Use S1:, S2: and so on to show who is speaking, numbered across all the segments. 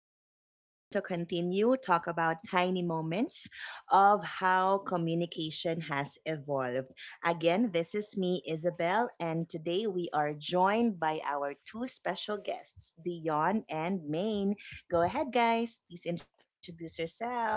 S1: We are going to continue talk about tiny moments of how communication has evolved. Again, this is me, Isabel, and today we are joined by our two special guests, Dion and Maine. Go ahead, guys. Please introduce yourselves.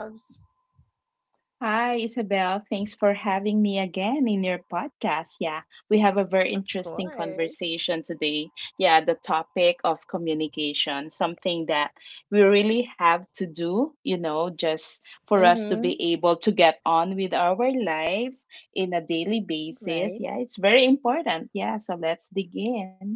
S2: Hi, Isabel. Thanks for having me again in your podcast. Yeah, we have
S1: Of
S2: a very interesting
S1: course.
S2: conversation today. Yeah, the topic of communication, something that we really have to do, you know, just for
S1: Mm-hmm.
S2: us to be able to get on with our lives in a daily
S1: Right.
S2: basis. Yeah, it's very important. Yeah, so let's dig in.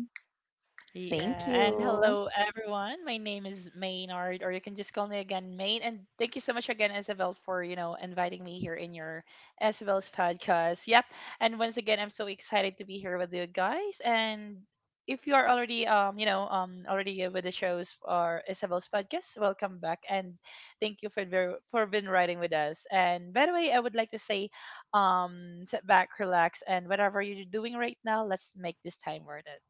S3: Yeah,
S1: Thank
S3: and hello
S1: you.
S3: everyone. My name is Maynard, or you can just call me again Main. And thank you so much again, Isabel, for inviting me here in your Isabel's podcast. Yep, and once again, I'm so excited to be here with you guys. And if you are already already with the shows or Isabel's podcast, welcome back and thank you for been riding with us. And by the way, I would like to say, sit back, relax, and whatever you're doing right now, let's make this time worth it.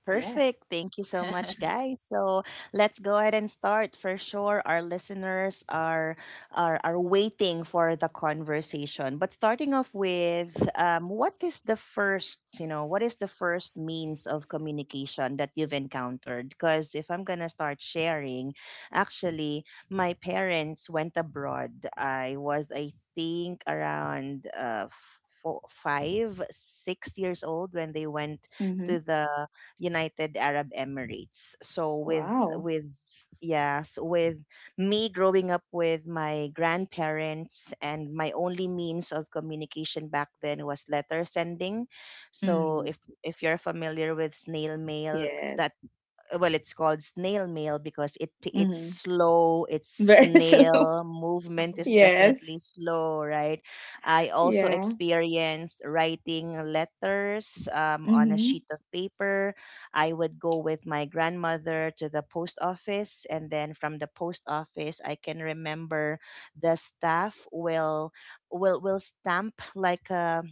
S2: Yes.
S1: Perfect. Thank you so much, guys. So let's go ahead and start. For sure, our listeners are are waiting for the conversation. But starting off with, what is the first means of communication that you've encountered? Because if I'm gonna start sharing, actually, my parents went abroad. I was, I think, around four, five, 6 years old when they went
S2: Mm-hmm.
S1: to the United Arab Emirates. So with
S2: Wow.
S1: with yes, with me growing up with my grandparents, and my only means of communication back then was letter sending. So
S2: Mm.
S1: if you're familiar with snail mail,
S2: Yes.
S1: that well, it's called snail mail because it's
S2: Mm-hmm.
S1: slow. It's
S2: Very slow.
S1: snail movement is
S3: Mhm.
S1: definitely
S2: Yes.
S1: slow, right? I also
S2: Yeah.
S1: experienced writing letters on a
S2: Mm-hmm.
S1: sheet of paper. I would go with my grandmother to the post office, and then from the post office, I can remember the staff will stamp like a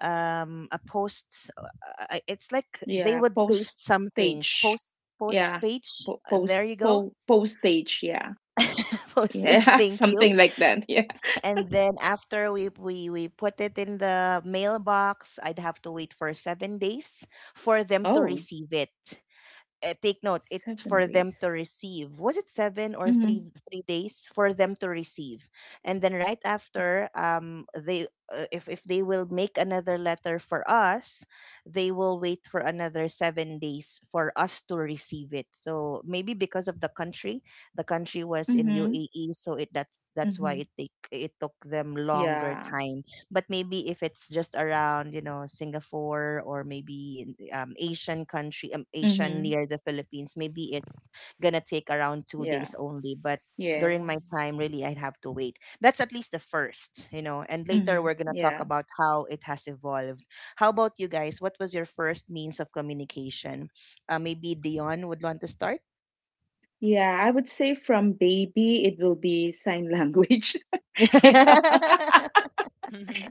S1: um a post it's like they
S2: Yeah,
S1: would paste something,
S2: postage.
S1: post post
S2: Yeah.
S1: page,
S2: Po
S1: there
S2: post
S1: you go.
S2: po postage, yeah.
S1: Postage.
S2: Yeah,
S1: Thank you.
S2: something like that. Yeah.
S1: And then after we put it in the mailbox, I'd have to wait for 7 days for them to
S2: Oh,
S1: receive it. Take note, it's
S2: seven
S1: for them to
S2: days.
S1: receive. Was it seven or three
S2: Mm-hmm.
S1: three days for them to receive? And then right after they if they will make another letter for us, they will wait for another 7 days for us to receive it. So maybe because of the country was in
S2: Mm-hmm.
S1: UAE, so it that's why
S2: Mm-hmm.
S1: it took them longer
S2: Yeah.
S1: time. But maybe if it's just around, Singapore, or maybe in, Asian country, Asian
S2: Mm-hmm.
S1: near the Philippines, maybe it's gonna take around two
S2: Yeah.
S1: days only. But during
S3: Oh.
S2: Yes.
S1: my time, really, I'd have to wait. That's at least the first, and later
S2: Mm-hmm.
S1: we're gonna talk
S2: Yeah.
S1: about how it has evolved. How about you guys, what was your first means of communication? Maybe Dion would want to start.
S2: Yeah, I would say from baby it will be sign language. Yeah.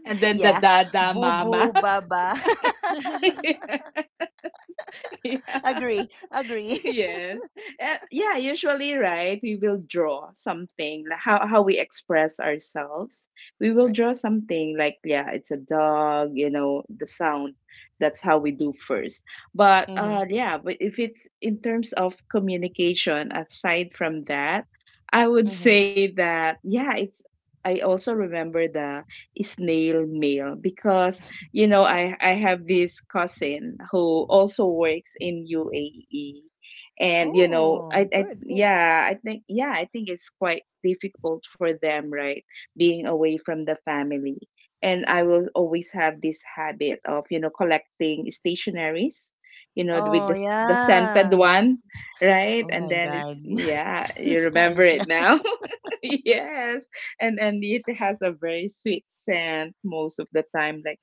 S2: And then the
S1: Yeah,
S2: dada
S1: boo
S2: mama.
S1: boo baba.
S2: Yeah.
S1: Agree, agree.
S2: Yes. Yeah, usually, right, we will draw something, like how we express ourselves. We will
S1: Right.
S2: draw something like yeah, it's a dog, you know, the sound. That's how we do first. But
S1: Mm-hmm.
S2: yeah, but if it's in terms of communication, aside from that, I would
S1: Mm-hmm.
S2: say that yeah, it's I also remember the snail mail because you know I have this cousin who also works in UAE and you know i
S1: Oh,
S2: i
S1: good, good.
S2: yeah I think yeah I think it's quite difficult for them, right? Being away from the family, and I will always have this habit of you know collecting stationaries, you know, with
S1: Oh,
S2: the the scented
S1: yeah.
S3: Oh.
S2: one, right?
S1: Oh
S2: And
S1: my
S2: then it's
S1: God.
S2: yeah, you
S1: Nostalgia.
S2: remember it now. Yes, and it has a very sweet scent most of the time,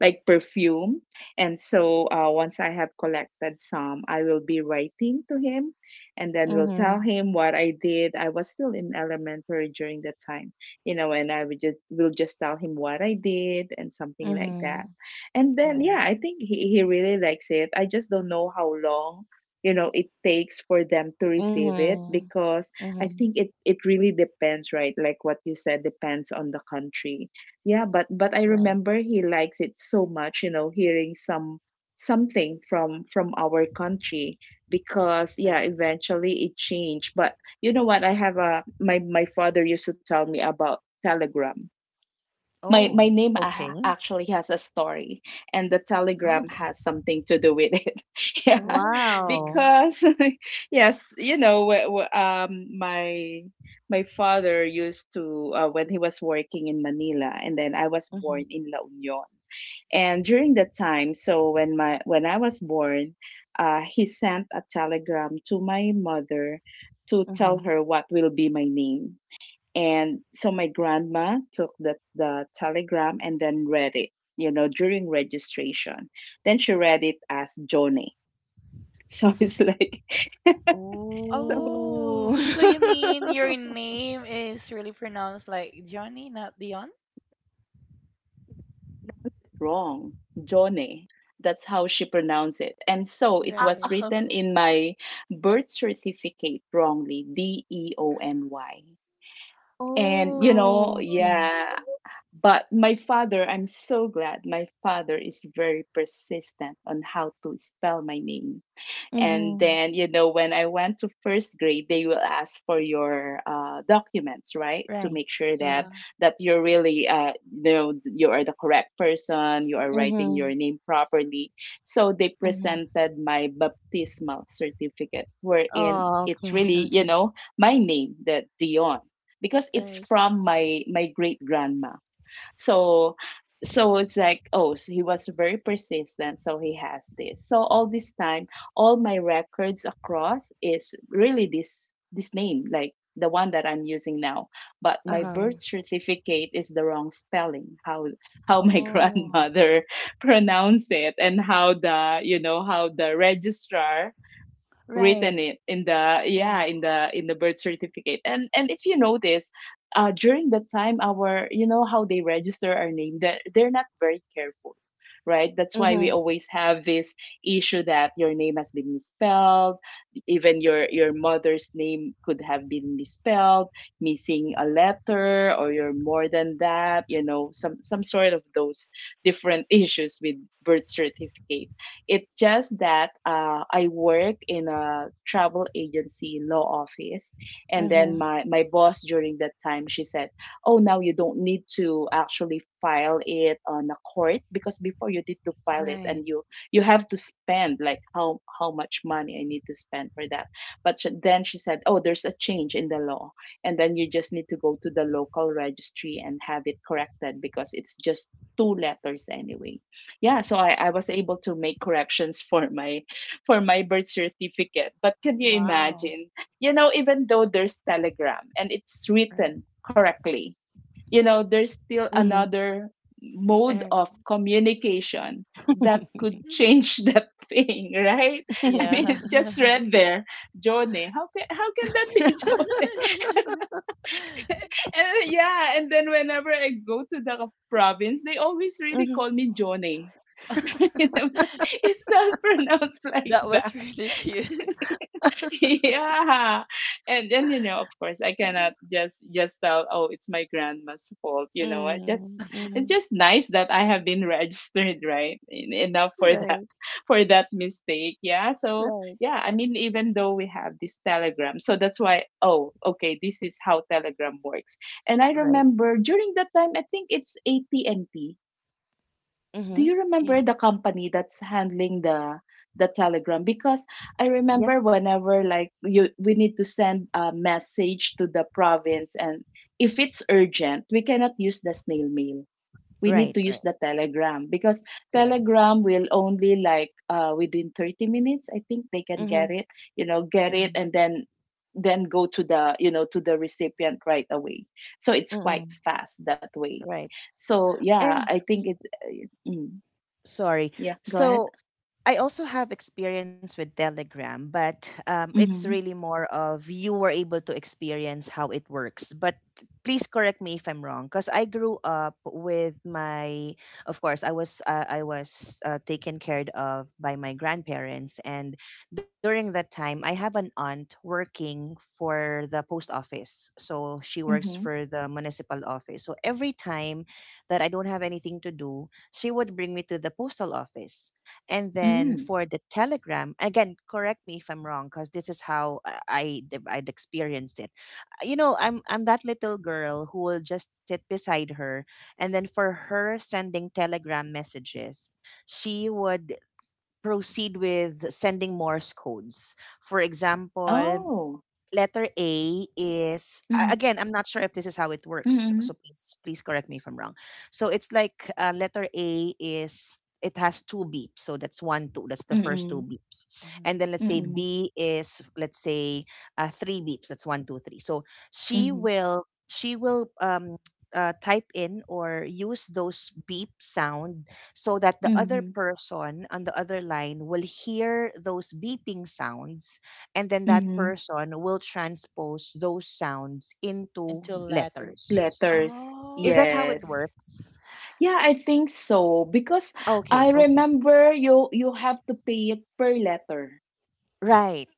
S2: like perfume. And so once I have collected some, I will be writing to him and then will tell
S1: Mm-hmm.
S2: him what I did. I was still in elementary during that time, you know, and I would just will just tell him what I did and something like
S1: Mm-hmm.
S2: that. And then yeah,
S1: Right.
S2: I think he really likes it. I just don't know how long you know it takes for them to receive it
S1: Mm-hmm.
S2: because
S1: Mm-hmm.
S2: I think it it really depends, right? Like what you said, depends on the country. Yeah, but I
S1: Right,
S2: remember he likes it so much, you know, hearing some something from our country because
S1: right.
S2: yeah, eventually it changed. But you know what? I have a my father used to tell me about telegram. My
S1: Oh,
S2: name
S1: okay.
S2: actually has a story, and the telegram
S1: Okay.
S2: has something to do with it. Yeah,
S3: Oh.
S1: Wow.
S2: because yes, you know, my my father used to when he was working in Manila, and then I was
S1: Mm-hmm.
S2: born in La Union. And during that time, so when I was born, he sent a telegram to my mother to tell
S1: Mm-hmm.
S2: her what will be my name. And so my grandma took the telegram and then read it, you know, during registration. Then she read it as Johnny. So it's like, so
S1: Ooh.
S3: Oh, so you mean your name is really pronounced like Johnny, not Dion?
S2: wrong, Johnny. That's how she pronounced it. And so it
S3: Ah,
S2: was
S1: Right.
S2: written in my birth certificate wrongly, Deony. And, you
S3: oh.
S2: know,
S1: Oh,
S3: Oh.
S1: okay.
S2: yeah. But my father, I'm so glad my father is very persistent on how to spell my name. And
S1: Mm-hmm.
S2: then you know when I went to first grade, they will ask for your documents, right, to
S1: Right,
S2: make sure that
S1: right.
S3: Yeah.
S2: that you're really you know you are the correct person, you are writing
S1: Mm-hmm.
S2: your name properly. So they
S1: Mm-hmm.
S2: presented my baptismal certificate wherein
S1: Oh,
S2: it's
S1: okay,
S2: really you
S1: okay.
S2: know my name, that Dion, because it's
S1: Right.
S2: from my great grandma. So so it's like, oh, so he was very persistent, so he has this so all this time all my records across is really this name, like the one that I'm using now. But my
S1: Uh-huh.
S2: birth certificate is the wrong spelling, how my
S1: Oh,
S2: grandmother pronounced it and how the you know how the registrar written
S1: right.
S2: it in the yeah
S1: Mm.
S2: in the birth certificate. And if you notice during that time our you know how they register our name, that they're not very careful, right? That's why
S1: Mhm,
S2: we always have this issue that your name has been misspelled, even your mother's name could have been misspelled, missing a letter, or you're more than that, you know, some sort of those different issues with birth certificate. It's just that I work in a travel agency law office, and then
S1: mhm.
S2: my boss during that time, she said, "Oh, now you don't need to actually file it on a court because before you need to file it
S1: Right.
S2: and you have to spend like how much money I need to spend for that." But sh then she said, "Oh, there's a change in the law, and then you just need to go to the local registry and have it corrected because it's just two letters anyway." Yeah, so I was able to make corrections for my for my birth certificate, but can you
S1: Wow.
S2: imagine you know even though there's telegram and it's
S1: Right.
S2: written correctly, you know, there's still
S1: Mhm,
S2: another mode
S3: Eh.
S2: of communication that could change that thing, right? I mean,
S3: Yeah.
S2: it just read there Johnny. How can how can that be Johnny? And yeah, and then whenever I go to the province, they always really
S1: mhm.
S2: call me Johnny. It's not pronounced like
S3: That
S2: that.
S3: was really cute.
S2: Yeah. And then, you know, of course, I cannot
S1: Right.
S2: just tell, oh, it's my grandma's fault. You know, I
S1: Mm,
S2: just it's
S1: mhm.
S2: just nice that I have been registered, right? Enough for that
S1: Right.
S2: for that mistake. Yeah. So
S1: Right.
S2: yeah, I mean, even though we have this telegram, so that's why, oh, okay, this is how telegram works. And I
S1: Right.
S2: remember during that time, I think it's APNT. Do
S1: Mhm.
S2: you remember
S3: Eh.
S2: the company that's handling the telegram? Because I
S1: Yeah.
S2: remember whenever like you we need to send a message to the province, and if it's urgent, we cannot use the snail mail, we need
S1: Right.
S2: to
S1: Right.
S2: use the telegram, because
S1: Correct.
S2: telegram will only like within 30 minutes I think they can get
S1: Mhm.
S2: it, you know, get it,
S1: Mhm.
S2: and then go to the you know to the recipient right away. So it's quite
S1: Mm.
S2: fast that way.
S1: Right.
S2: So yeah,
S1: And
S2: I think it uh, mm.
S1: sorry.
S2: Yeah, go ahead.
S1: So I also have experience with Telegram, but it's really
S2: Mhm.
S1: more of you were able to experience how it works. But please correct me if I'm wrong, because I grew up with my. Of course, I was taken care of by my grandparents, and during that time, I have an aunt working for the post office. So she works
S2: Mhm.
S1: for the municipal office. So every time that I don't have anything to do, she would bring me to the postal office. And then
S2: Mm.
S1: for the telegram, again, correct me if I'm wrong, because this is how I'd experienced it. You know, I'm that little girl who will just sit beside her, and then for her sending telegram messages, she would proceed with sending Morse codes. For example,
S2: Oh.
S1: letter A is
S2: Mhm.
S1: again, I'm not sure if this is how it works,
S2: Mm.
S1: so please correct me if I'm wrong. So it's like, letter A is it has two beeps, so that's one two. That's the first two
S2: Mm.
S1: beeps, and
S3: Mhm.
S1: then let's say
S2: Mm.
S1: B is, let's say, three beeps. That's one two three. So
S2: Mhm.
S1: she will type in or use those beep sound so that the other
S2: Mhm.
S1: person on the other line will hear those beeping sounds, and then that
S2: Mhm.
S1: person will transpose those sounds into
S3: Into letters.
S1: letters.
S2: Letters.
S1: Is that how
S3: Oh.
S1: it
S2: Yes.
S1: works?
S2: Yeah, I think so because I
S1: Okay, okay.
S2: remember you have to pay it per letter.
S1: Right.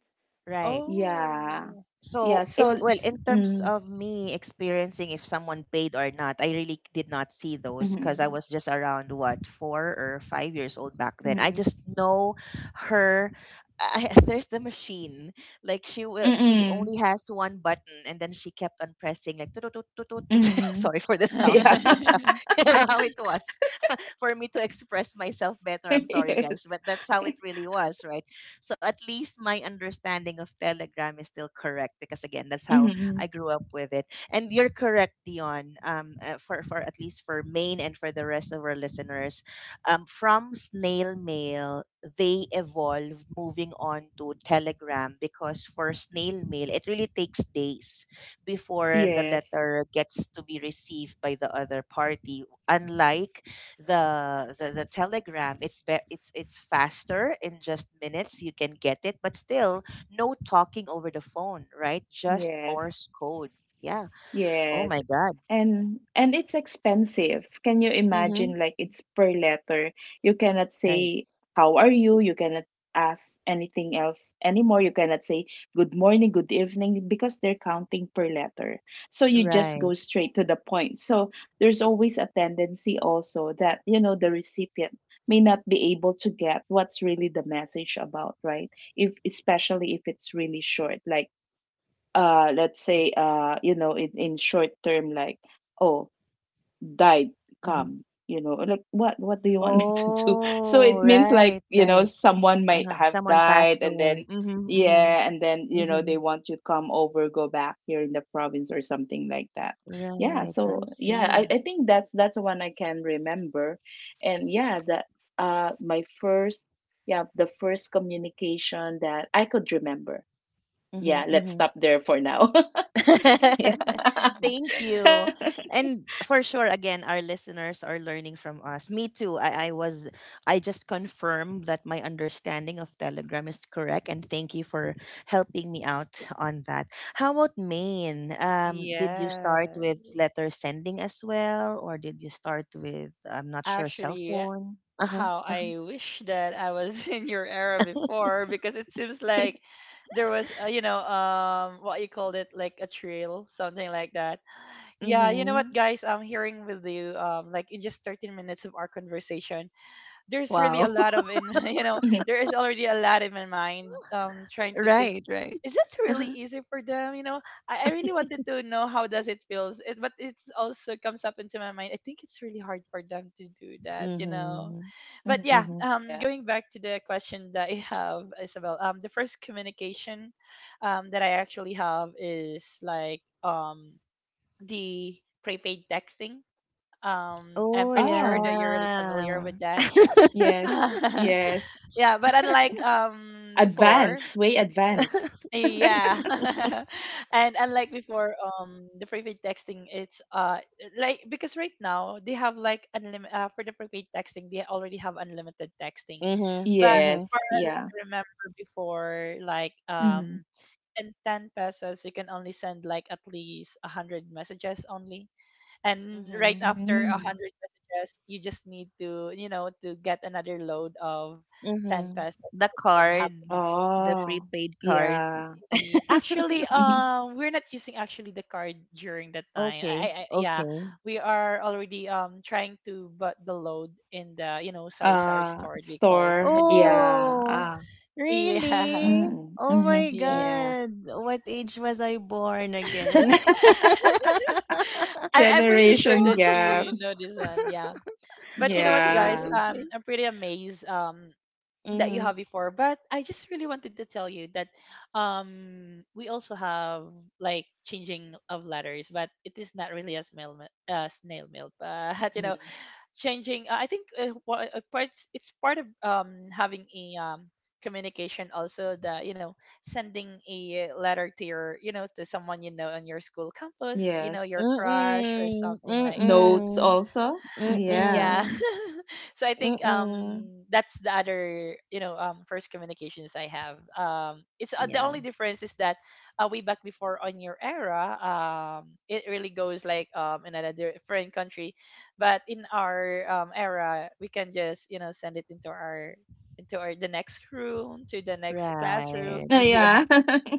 S1: Right.
S2: Yeah.
S3: Oh.
S2: Yeah,
S1: So
S2: so
S1: in well, in terms of me experiencing if someone paid or not, I really did not see those because I
S2: mhm.
S1: was just around what 4 or 5 years old back then. I
S2: Mhm.
S1: just know her. I, there's the machine. Like she
S2: Mhm.
S1: only has one button, and then she kept on pressing like tut, tut, tut, tut, tut.
S2: Mhm.
S1: Sorry for the sound,
S2: Yeah.
S1: but that's how, how it was, for me to express myself better. I'm sorry,
S2: Yes.
S1: guys, but that's how it really was, right? So at least my understanding of Telegram is still correct because, again, that's how
S2: Mhm.
S1: I grew up with it. And you're correct, Dion. For at least for Maine and for the rest of our listeners, from snail mail they evolved moving on to Telegram because for snail mail it really takes days before the
S2: Yes.
S1: letter gets to be received by the other party. Unlike the telegram, it's be- it's faster. In just minutes you can get it, but still no talking over the phone, right? Just
S2: Yes.
S1: Morse code. Yeah. Oh my
S2: Yes.
S1: God.
S2: And it's expensive. Can you
S1: Mm-hmm.
S2: imagine, like it's per letter. You cannot
S1: Right,
S2: say, how are you? You cannot ask anything else anymore. You cannot say good morning, good evening, because they're counting per letter. So you just
S1: right.
S2: go straight to the point. So there's always a tendency also that you know the recipient may not be able to get what's really the message about, right? If especially if it's really short, like let's say you know in short term, like oh, died,
S1: Mm-hmm.
S2: come, you know, like what do you want me to do? So
S1: Oh,
S2: it means like,
S1: right,
S2: you know,
S1: right.
S2: someone might
S1: Uh-huh.
S2: have
S1: Someone
S2: died,
S1: passed
S2: and then
S1: away. Mm-hmm, mm-hmm,
S2: yeah, and then you know
S1: mm-hmm.
S2: they want you to come over, go back here in the province or something like that. Yeah,
S1: Right, I
S2: so yeah, i,
S1: see.
S2: I think that's the one I can remember. And yeah, that my first yeah, the first communication that I could remember.
S1: Mm-hmm,
S2: Yeah, let's
S1: mm-hmm.
S2: stop there for now. Yeah.
S1: Thank you. And for sure, again, our listeners are learning from us. Me too. I just confirmed that my understanding of Telegram is correct. And thank you for helping me out on that. How about Maine? Did you start
S3: Yes.
S1: with letter sending as well? Or did you start with, I'm not sure, cell
S3: Actually,
S1: phone? Uh huh.
S3: how
S1: Uh huh.
S3: I wish that I was in your era before, because it seems like there was, what you called it, like a trail, something like that. Yeah, you know what,
S1: Mm-hmm.
S3: guys? I'm hearing with you, like in just 13 minutes of our conversation, there's really
S1: Wow.
S3: a lot of in
S2: Mhm,
S3: there is already a lot in my mind, trying to think.
S1: Right, right.
S3: Is this really easy for them, you know? I really wanted to know how does it feels it, but it's also comes up into my mind. I think it's really hard for them to do that, you know?
S1: Mm-hmm.
S2: mhm.
S3: But yeah,
S1: Mm-hmm.
S2: Yeah.
S3: going back to the question that I have, Isabel, the first communication that I actually have is like, the prepaid texting. I'm
S1: Oh,
S3: pretty sure
S2: Oh,
S3: that you're really familiar
S1: yeah.
S3: with that.
S2: yes. Yes.
S3: Yeah, but unlike before,
S2: Advance, way advance.
S3: yeah, and unlike before, the prepaid texting, it's like because right now they have like unlimited, for the prepaid texting, they already have unlimited texting,
S1: Mhm.
S3: but as
S1: Mhm.
S2: Yes.
S3: far as I
S2: Yeah.
S3: remember before, like,
S2: Mm.
S3: in 10 pesos you can only send like at least 100 messages only. And right
S1: Mhm.
S3: after a
S2: Mm.
S1: Mhm.
S3: hundred messages, you just need to, to get another load of ten
S1: Mhm.
S3: pesos so
S1: The
S3: that you can have
S1: card,
S3: another
S1: the
S2: Oh,
S1: prepaid card.
S2: yeah.
S3: fee. Actually,
S2: Mhm.
S3: we're not using actually the card during that time. I, I,
S1: Okay,
S3: I yeah,
S1: okay.
S3: we are already trying to, but the load in the, sari sari store we called
S2: Store.
S3: in
S2: Yeah.
S3: Philippines.
S1: Oh,
S2: Ah.
S3: Yeah,
S1: really?
S2: Mm.
S1: Oh
S2: Mm-hmm.
S1: my
S3: yes.
S2: Yeah.
S1: God. What age was I born again?
S3: I'm pretty sure
S2: Generation
S3: that
S1: Oh,
S2: gap.
S3: you know this one. Yeah. But you know what,
S1: okay,
S3: guys?
S2: Yeah.
S1: okay.
S3: I'm pretty amazed. That you
S1: Mm-hmm.
S3: have before, but I just really wanted to tell you that we also have like changing of letters, but it is not really a snail mail, snail mail, but you know,
S2: Mm.
S3: changing, I think, part, it's part of, having a, communication. Also the, sending a letter to your, you know, to someone, you know, on your school campus, you know,
S2: Yes.
S3: your crush or
S1: Mm-mm.
S3: something like that.
S2: Notes
S1: Mm-mm.
S2: also. Yeah.
S3: Yeah.
S1: Mm-mm.
S3: So I think,
S1: Mm-mm.
S3: that's the other, first communications I have. It's,
S1: Yeah.
S3: the only difference is that, way back before on your era, it really goes like, in another foreign country, but in our, era, we can just, send it into our, the next room, to the next classroom.
S1: Right.
S2: Oh,
S3: Yeah.
S2: yeah.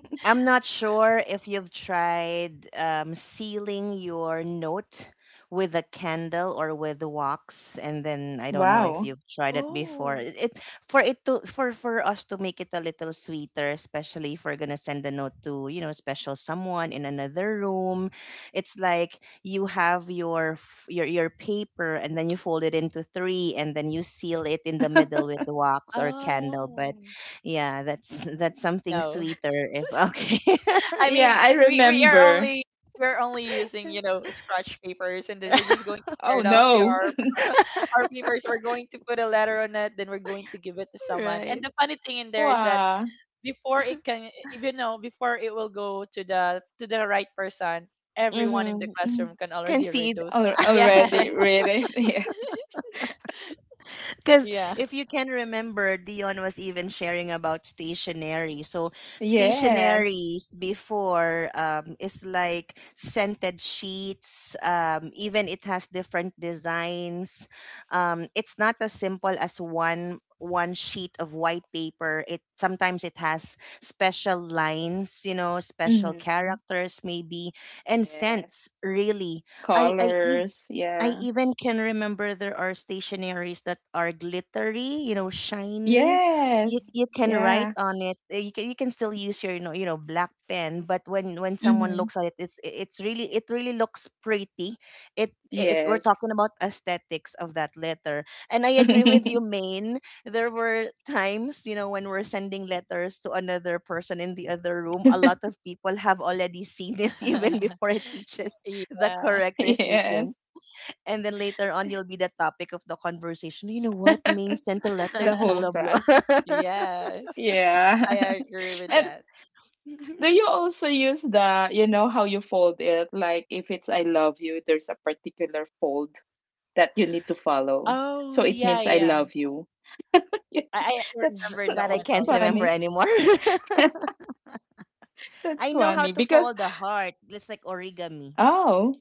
S1: I'm not sure if you've tried, sealing your note with a candle or with wax, and then I don't know if
S2: Wow.
S1: you've tried it before.
S3: Oh.
S1: It For it to, for us to make it a little sweeter, especially if we're gonna send a note to, special someone in another room. It's like you have your paper, and then you fold it into three, and then you seal it in the middle with wax or candle. But
S3: Oh.
S1: yeah, that's that's something
S3: No.
S1: sweeter if okay.
S3: I
S2: Yeah,
S3: mean,
S2: I
S3: we are
S2: remember.
S3: only we're only using, scratch papers, and then we're just going to tear
S2: Oh
S3: it off the
S2: no.
S3: our our papers. We're going to put a letter on it, then we're going to give it to someone. And
S1: Right.
S3: the funny thing in there is that
S2: Wow.
S3: before it can, even know before it will go to the right person, everyone in the
S1: Mm-hmm.
S2: Mhm.
S3: classroom can
S1: Can
S3: already read
S1: see.
S3: those.
S2: Al-
S3: Yes.
S2: Already read it. Yeah.
S1: Because
S3: Yeah.
S1: if you can remember, Dion was even sharing about stationery. So
S2: Yes.
S1: stationaries before, is like scented sheets. Even it has different designs. It's not as simple as one sheet of white paper. It sometimes it has special lines, you know, special
S2: Hmm.
S1: characters maybe, and scents.
S2: Yes.
S1: Really, I I
S2: Colors.
S1: I
S2: Yeah.
S1: even can remember there are stationaries that are glittery, shiny.
S2: Yes.
S1: You can write
S2: Yeah.
S1: on it. You can still use your black pen, but when someone
S2: Hmm.
S1: looks at it, it really looks pretty. It We're
S2: Yes.
S1: talking about aesthetics of that letter, and I agree with you, Maine. There were times, when we're sending letters to another person in the other room. A lot of people have already seen it even before it reaches the
S3: Yeah.
S1: correct
S2: Yes.
S1: recipients, and then later on you'll be the topic of the conversation. You know what? Main sent a letter
S2: The
S1: to
S2: whole
S1: blah blah.
S2: class.
S3: Yes. I
S2: Yeah.
S3: agree with
S2: And
S3: that.
S2: do you also use the, you know, how you fold it? Like if it's I love you, there's a particular fold that you need to follow. So
S3: Oh
S2: it
S3: yeah,
S2: means I
S3: yeah.
S2: love you. Yeah.
S3: I
S2: That's
S3: remember
S2: so
S3: that
S1: That I
S3: one
S1: can't
S3: also.
S1: remember
S2: funny.
S1: anymore.
S2: That's
S1: I know
S2: funny
S1: how to
S2: because
S1: fold a heart. It's like origami.
S2: oh,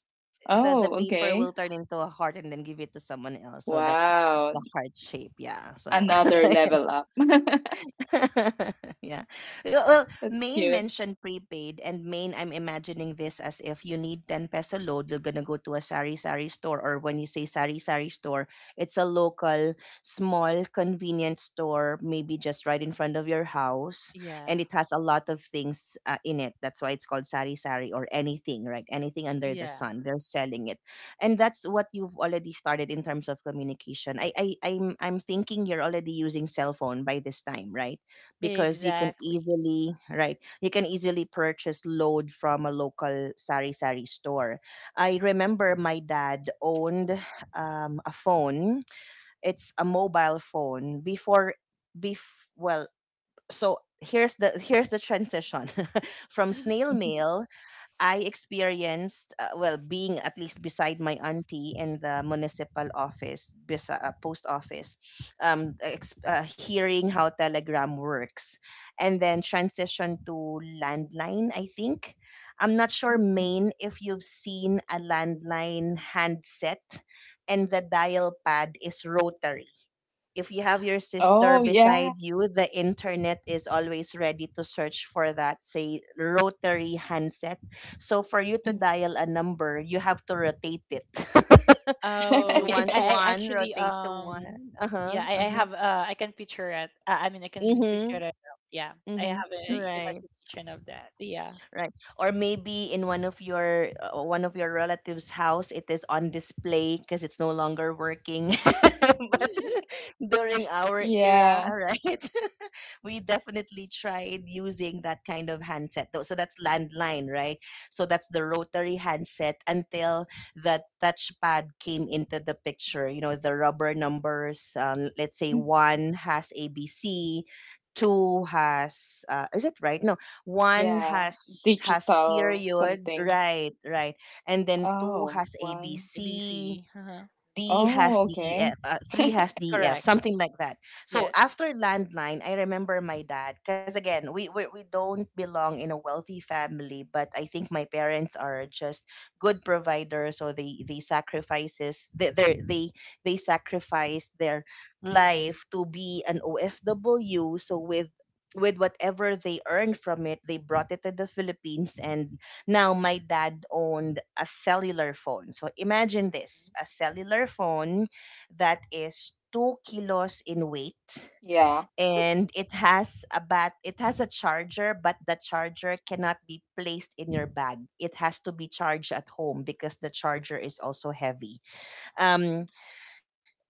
S1: The
S2: oh,
S1: paper will
S2: okay.
S1: turn into a heart and then give it to someone else. So that's it's
S2: Wow,
S1: the heart shape. Yeah. So
S3: Yeah.
S2: another level up.
S1: yeah. Well,
S2: That's
S1: Maine
S2: cute.
S1: mentioned prepaid, and main. I'm imagining this as if you need 10 peso load, you're gonna go to a sari sari store, or when you say sari sari store, it's a local, small, convenience store, maybe just right in front of your house,
S3: Yeah.
S1: and it has a lot of things in it. That's why it's called sari sari or anything, right? Anything under the
S3: Yeah.
S1: sun, they're selling it, and that's what you've already started in terms of communication. I'm thinking you're already using cell phone by this time, right? Because you can
S3: Exactly.
S1: easily, right, you can easily purchase load from a local sari sari store. I remember my dad owned a phone. It's a mobile phone before. Well, so here's the transition from snail
S2: Mhm.
S1: mail. I experienced, well, being at least beside my auntie in the municipal office, post office, hearing how Telegram works, and then transition to landline, I think. I'm not
S2: Mm.
S1: sure, Maine, if you've seen a landline handset and the dial pad is rotary. If you have your sister
S2: Oh, yeah.
S1: beside you, the internet is always ready to search for that, say, rotary handset. So for you to
S2: Mhm.
S1: dial a number, you have to rotate it. If
S3: Oh,
S1: you want
S2: Yes.
S3: I
S1: one,
S3: actually,
S1: rotate to one. Uh huh.
S3: yeah,
S1: Uh huh.
S3: I can picture it. I mean I
S1: Mm
S3: can picture
S1: hmm.
S3: it. Yeah.
S1: Mm
S3: I have
S1: hmm.
S2: Mm.
S3: a
S1: Right.
S3: imagination of that. Yeah.
S1: Right, or maybe in one of your relatives' house it is on display because it's no longer working. But during our era,
S2: Yeah.
S1: right? We definitely tried using that kind of handset, though. So that's landline, right? So that's the rotary handset until the touchpad came into the picture. You know, the rubber numbers. Let's say
S2: Mm.
S1: one has ABC, two has is it right? No, one
S2: Yeah.
S1: has
S2: Digital
S1: period,
S2: something.
S1: right, right. And then two
S2: Oh,
S1: has
S2: one.
S1: ABC,
S3: BC. Uh-huh.
S1: D
S2: Oh,
S1: has
S2: okay.
S1: DEF, three has DEF,
S3: Correct.
S1: something like that. So
S3: Yes.
S1: after landline, I remember my dad because again, we don't belong in a wealthy family, but I think my parents are just good providers, so they sacrifices they sacrificed their life to be an OFW. So with whatever they earned from it, they brought it to the Philippines, and now my dad owned a cellular phone. So imagine this, a cellular phone that is 2 kilos in weight,
S2: Yeah.
S1: and it has a charger, but the charger cannot be placed in your bag. It has to be charged at home because the charger is also heavy. um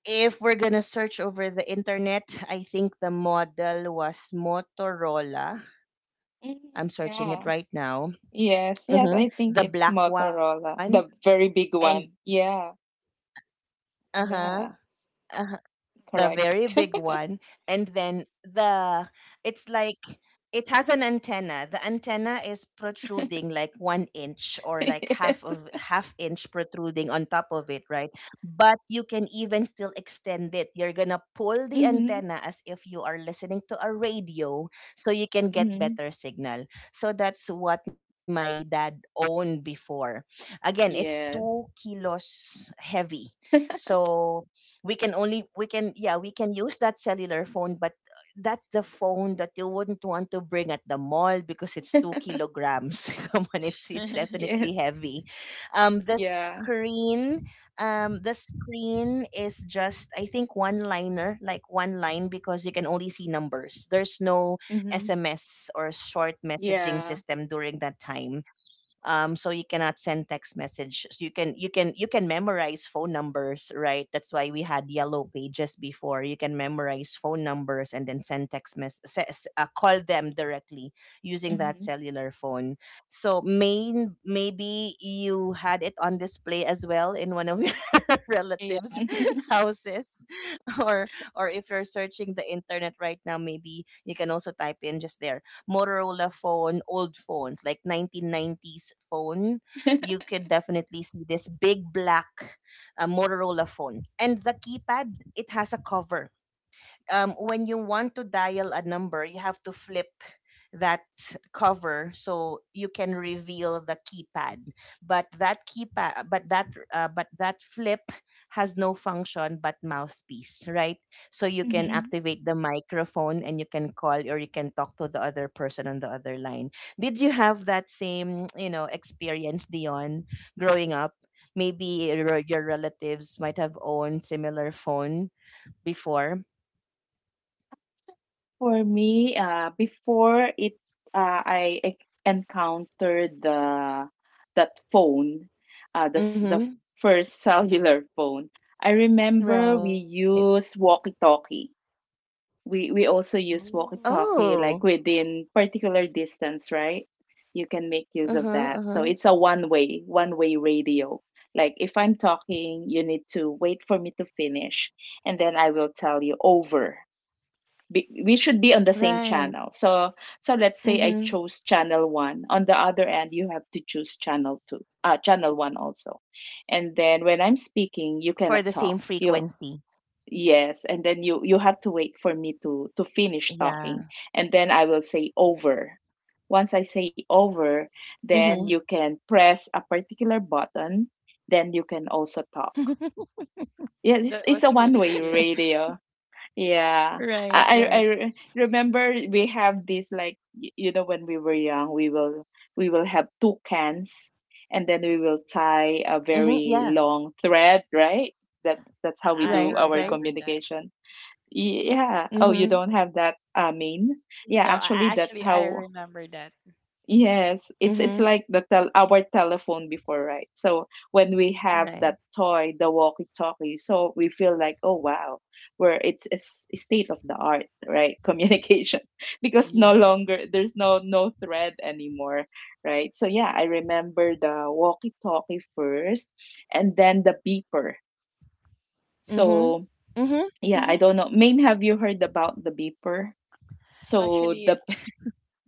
S1: if we're gonna search over the internet, I think the model was Motorola. I'm
S2: Mhm.
S1: searching it
S2: Yeah.
S1: right now.
S2: Yes, yes,
S1: Hmm.
S2: I think
S1: The
S2: it's
S1: black one.
S2: Motorola, the
S1: And
S2: very big one. Yeah,
S1: Uh-huh.
S2: yeah,
S1: Uh-huh. The
S2: correct.
S1: very big one. And then the it's like it has an antenna. The antenna is protruding like one inch or like half of
S2: Yes.
S1: half inch protruding on top of it, right? But you can even still extend it. You're gonna pull the
S2: Mm-hmm.
S1: antenna as if you are listening to a radio so you can get
S2: Mm-hmm.
S1: better signal. So that's what my dad owned before. Again, it's two
S2: Yes.
S1: kilos heavy. So we can only we can yeah, we can use that cellular phone, but that's the phone that you wouldn't want to bring at the mall because it's 2 kilograms. Come on, it's definitely
S2: Yes.
S1: heavy. The
S2: Yeah.
S1: screen, the screen is just, I think, one liner, like one line, because you can only see numbers. There's no
S2: Mm-hmm.
S1: SMS or short messaging
S2: Yeah.
S1: system during that time. So you cannot send text message, so you can memorize phone numbers, right? That's why we had yellow pages before. You can memorize phone numbers and then send text mess se- s- call them directly using that
S2: Mm-hmm.
S1: cellular phone. So, main maybe you had it on display as well in one of your
S3: Yeah.
S1: relatives' houses, or or if you're searching the internet right now, maybe you can also type in just there Motorola phone, old phones, like 1990s phone. You could definitely see this big black Motorola phone. And the keypad, it has a cover. When you want to dial a number, you have to flip that cover so you can reveal the keypad. But that keypad, but that, flip has no function but mouthpiece, right? So you can
S2: Mm-hmm.
S1: activate the microphone and you can call or you can talk to the other person on the other line. Did you have that same, you know, experience, Dion, growing up? Maybe your relatives might have owned similar phone before.
S2: For me, before it, uh, I e- encountered the that phone, the s- the
S1: Mm-hmm.
S2: first cellular phone. I remember we
S1: Right.
S2: use walkie-talkie. We also use
S3: Ooh,
S2: walkie-talkie
S1: Oh.
S2: like within particular distance, right? You can make use of
S1: Uh-huh.
S2: that. So
S1: Uh-huh.
S2: it's a one-way radio. Like if I'm talking, you need to wait for me to finish, and then I will tell you over. We should be on the same
S1: Right.
S2: channel. So let's say I
S1: Mm-hmm.
S2: chose channel one. On the other end, you have to choose channel two, channel one also. And then when
S1: For
S2: I'm
S1: the same
S2: speaking, you cannot
S1: frequency.
S2: talk. You yes, and then you have to wait for me to
S1: Yeah.
S2: finish talking, and then I will say over. Once I say over,
S1: Mm-hmm.
S2: then you can press a particular button, then you can also talk. Yes,
S3: that
S2: it's
S3: was
S2: a
S3: really
S2: one-way
S3: cute.
S2: radio. Yeah. I
S1: Right,
S2: I I
S1: right.
S2: re- remember we have this like when we were young, we will have two cans and then we will tie a
S1: Mm-hmm. Yeah.
S2: very long thread, right? That that's how we
S3: I
S2: do
S1: Right,
S2: our
S1: right.
S3: remember that.
S2: communication. Yeah. Oh, you
S1: Mm-hmm.
S2: don't have that Main? Yeah,
S3: No, I
S2: actually, that's
S3: actually I
S2: how.
S3: remember that.
S2: Yes, it's like
S1: Mm-hmm.
S2: the tel our telephone before, right? So when we have that
S1: Right.
S2: toy, the walkie-talkie, so we feel like, oh wow, where it's a a state of the art, right? Communication, because no
S3: Yeah.
S2: longer there's no thread anymore, right? So yeah, I remember the walkie-talkie first, and then the beeper. So
S1: Mm-hmm.
S2: yeah,
S1: Mm-hmm.
S2: I don't know.
S1: Mm-hmm.
S2: Main, have you heard about the beeper? So
S3: Actually,
S2: the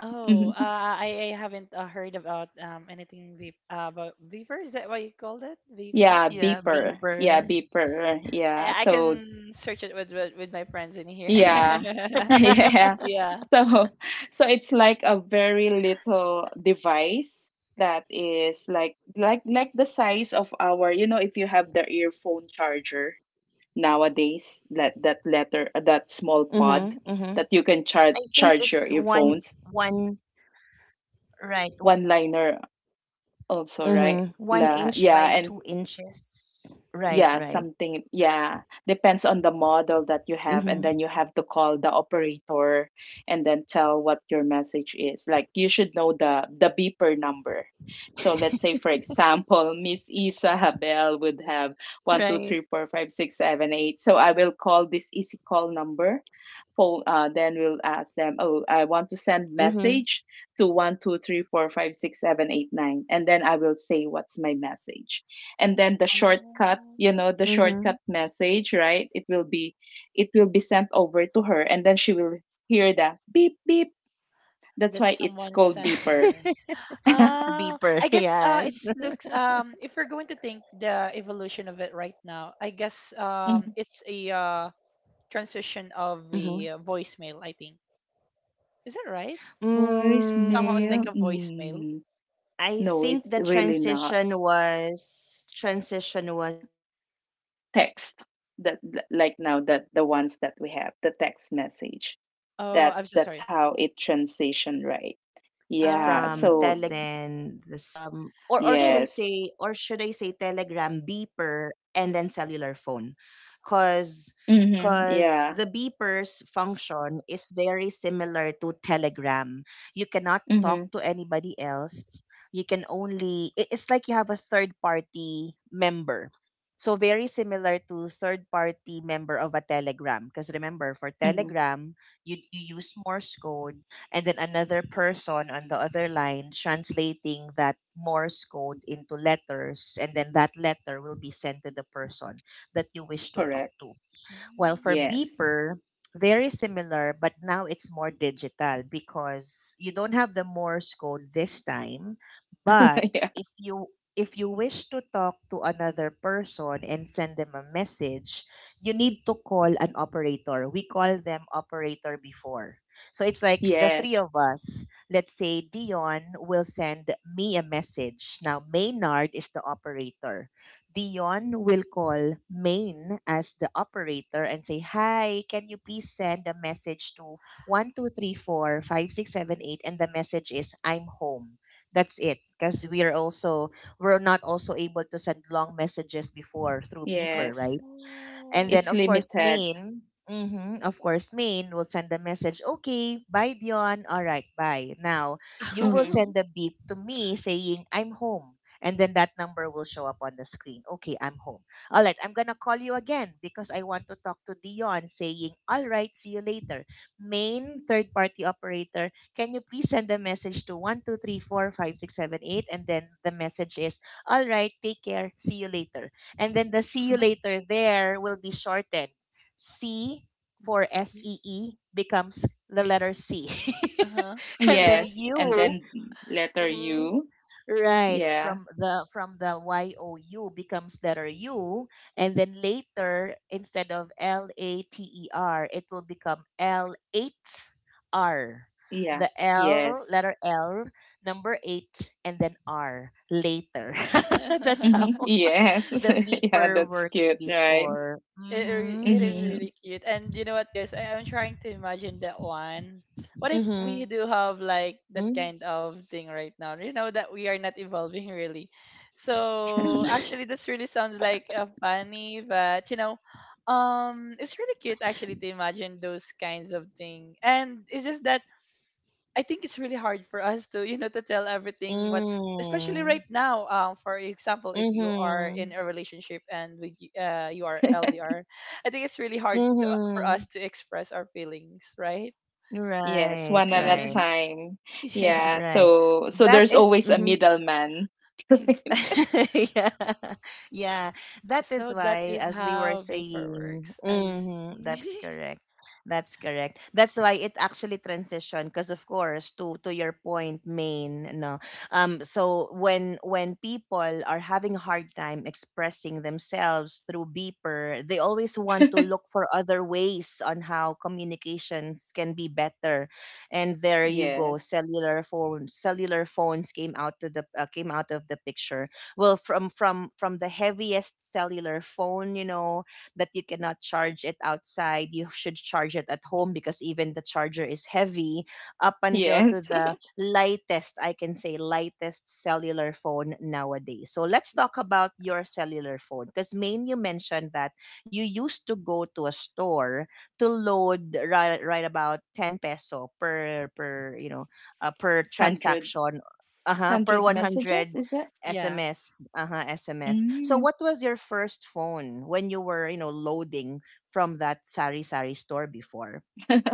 S3: oh,
S2: mhm.
S3: I haven't, heard about, anything, ve about Viver. Is that what you called it? Viver?
S2: Yeah, beeper.
S1: Yeah.
S2: Yeah,
S1: Beeper.
S2: beeper. Yeah.
S3: I
S2: So
S3: can search it with my friends in
S2: yeah.
S3: here.
S2: Yeah.
S3: Yeah.
S2: So so it's like a very little device that is like like the size of our, you know, if you have the earphone charger nowadays, that that letter that small pod
S1: Mm-hmm. Mm-hmm.
S2: that you can charge
S1: I think
S2: charge your
S1: it's one
S2: earphones.
S1: one right.
S2: One liner also, right?
S1: Mm-hmm. One inch
S2: Yeah,
S1: by
S2: and.
S1: 2 inches. Right,
S2: Yeah,
S1: right.
S2: something, yeah, depends on the model that you
S1: Mm-hmm.
S2: have, and then you have to call the operator and then tell what your message is. Like you should know the beeper number. So let's say, for example, Miss Isabel would
S1: Right.
S2: have one, two, three, four, five, six, seven, eight. So I will call this easy call number. Then we'll ask them, oh, I want to send
S1: Mm-hmm.
S2: message to one, two, three, four, five, six, seven, eight, nine, and then I will say what's my message, and then the shortcut,
S3: Oh,
S2: you know, the
S1: Mm-hmm.
S2: shortcut message, right? It will be it will be sent over to her, and then she will hear the beep beep. That's
S3: that's
S2: why it's
S3: someone
S2: called
S3: sending
S2: beeper.
S3: her.
S1: Beeper,
S3: I guess,
S1: yes.
S3: it's looks, if we're going to think the evolution of it right now, I guess,
S2: Mm,
S3: it's a, transition of the,
S1: Mhm.
S3: voicemail, I think. Is that right? S- Somehow it's
S2: voicemail,
S3: like
S1: Mm,
S3: a voicemail.
S2: mm,
S1: I
S2: no,
S1: think
S2: it's
S1: the
S2: really not
S1: transition was
S2: text. Like now that the ones that we have, the text message,
S3: Oh, I'm
S2: that's
S3: so
S2: that's
S3: sorry.
S2: how it
S1: and then to the
S2: transition,
S1: beeper.
S2: right? Yeah.
S1: Because
S3: Um.
S1: or should I say or should
S3: So,
S1: I
S2: Yes.
S1: say telegram, beeper, and then cellular phone? Because
S2: Mm-hmm,
S1: the
S2: yeah.
S1: beeper's function is very similar to telegram. You cannot talk to
S2: Mm-hmm,
S1: anybody else. You can only it's like you have a third party member, so very similar to third party member of a telegram. Because remember, for
S2: mm-hmm,
S1: telegram, you use Morse code, and then another person on the other line translating that Morse code into letters, and then that letter will be sent to the person that you wish to talk
S2: correct.
S1: to. Well,
S3: mm,
S1: for
S2: Yes.
S1: beeper, very similar, but now it's more digital because you don't have the Morse code this time. But
S2: Yeah.
S1: if you wish to talk to another person and send them a message, you need to call an operator. We call them operator before. So it's like the three
S2: Yes.
S1: of us, let's say Dion will send me a message. Now Maynard is the operator. Dion will call Maine as the operator and say, hi, can you please send a message to 1234-5678? And the message is, I'm home. That's it. Because we're not also able to send long messages before through beeper,
S2: Yes.
S1: right? And then,
S3: oh.
S2: It's
S1: of course,
S2: limited.
S1: Maine. Of course, Maine will send the message, okay, bye, Dion. All right, bye. Now, you will
S2: Hmm.
S1: send the beep to me saying, I'm home. And then that number will show up on the screen. Okay, I'm home. All right, I'm going to call you again because I want to talk to Dion, saying, all right, see you later. Main, third party operator, can you please send a message to 1234-5678? And then the message is, all right, take care, see you later. And then the see you later there will be shortened. C for S
S3: Y-
S1: E E becomes the letter C.
S3: Uh-huh.
S1: And then
S2: Yes. And
S1: U
S2: then letter
S1: mhm,
S2: U.
S1: right,
S2: Yeah.
S1: from the you becomes letter U. And then later, instead of later, it will become L eight R.
S2: Yeah.
S1: The L,
S2: Yes.
S1: letter L, number eight, and then R, later. That's how
S2: Hmm. Yes.
S1: the
S2: Yeah,
S1: beeper
S2: that's
S1: works
S2: cute, right?
S1: before.
S3: It re-
S1: Mm-hmm.
S3: it is
S2: Hmm.
S3: really cute. And you know what, guys? I am trying to imagine that one. What if we
S1: Mm-hmm.
S3: do have like that kind of thing right now? You know that we are not evolving really. So actually, this really sounds like, funny, but you know, it's really cute actually to imagine those kinds of thing. And it's just that I think it's really hard for us to, you know, to tell everything what's, especially
S1: Mm.
S3: right now. For example, if you are in
S1: Mm-hmm.
S3: a relationship and with, you are LDR. I think it's really hard to, for
S1: Mm-hmm.
S3: us to express our feelings, right?
S2: Yes,
S1: Right,
S2: one at a
S1: right,
S2: time.
S3: Yeah.
S2: Yeah.
S1: right.
S2: So so
S1: That
S2: there's
S1: is-
S2: always a
S1: mhm.
S2: middleman. Right?
S1: Yeah, yeah. That is
S3: So that
S1: why,
S3: is
S1: as we were
S3: how vapor
S1: saying,
S3: works. I
S1: that's
S3: see.
S1: correct. That's correct. That's why it actually transitioned because, of course, to your point, main no. So when people are having a hard time expressing themselves through beeper, they always want to look for other ways on how communications can be better. And there you go,
S2: Yes.
S1: cellular phones. Cellular phones came out to the came out of the picture. Well, from the heaviest cellular phone, you know, that you cannot charge it outside, you should charge it at home because even the charger is heavy, up until to
S2: Yes.
S1: the lightest, I can say, lightest cellular phone nowadays. So let's talk about your cellular phone because, main you mentioned that you used to go to a store to load, right? Right, about 10 peso per you know, per
S2: Hundred
S1: transaction. Uh-huh, per
S2: hundred messages,
S1: 100
S2: is it?
S3: Yeah.
S1: SMS. Uh-huh, SMS. So
S2: Mm.
S1: what was your first phone when you were, you know, loading from that sari sari store before?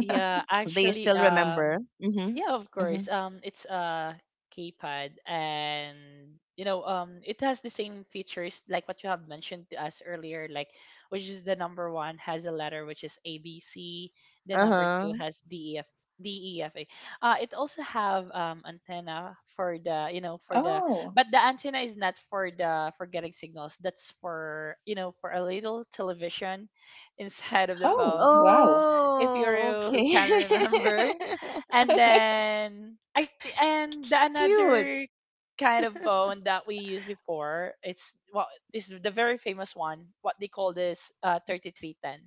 S3: Yeah,
S1: Do you
S3: actually,
S1: still remember? Mm-hmm.
S3: yeah, of
S1: Mm-hmm.
S3: course. It's a keypad, and, it has the same features like what you have mentioned to us earlier, like which is the number one has a letter which is ABC, the number two
S1: Uh-huh.
S3: has DEF, DEFA. It also have, antenna for the,
S2: Oh.
S3: but the antenna is not for getting signals. That's for you know for a little television inside of the
S2: Oh,
S3: phone
S2: wow.
S3: if
S1: Oh,
S3: you
S1: okay.
S3: can remember. And then, and the another
S1: Cute.
S3: kind of phone that we used before, it's well, this is the very famous one. What they call this, 3310.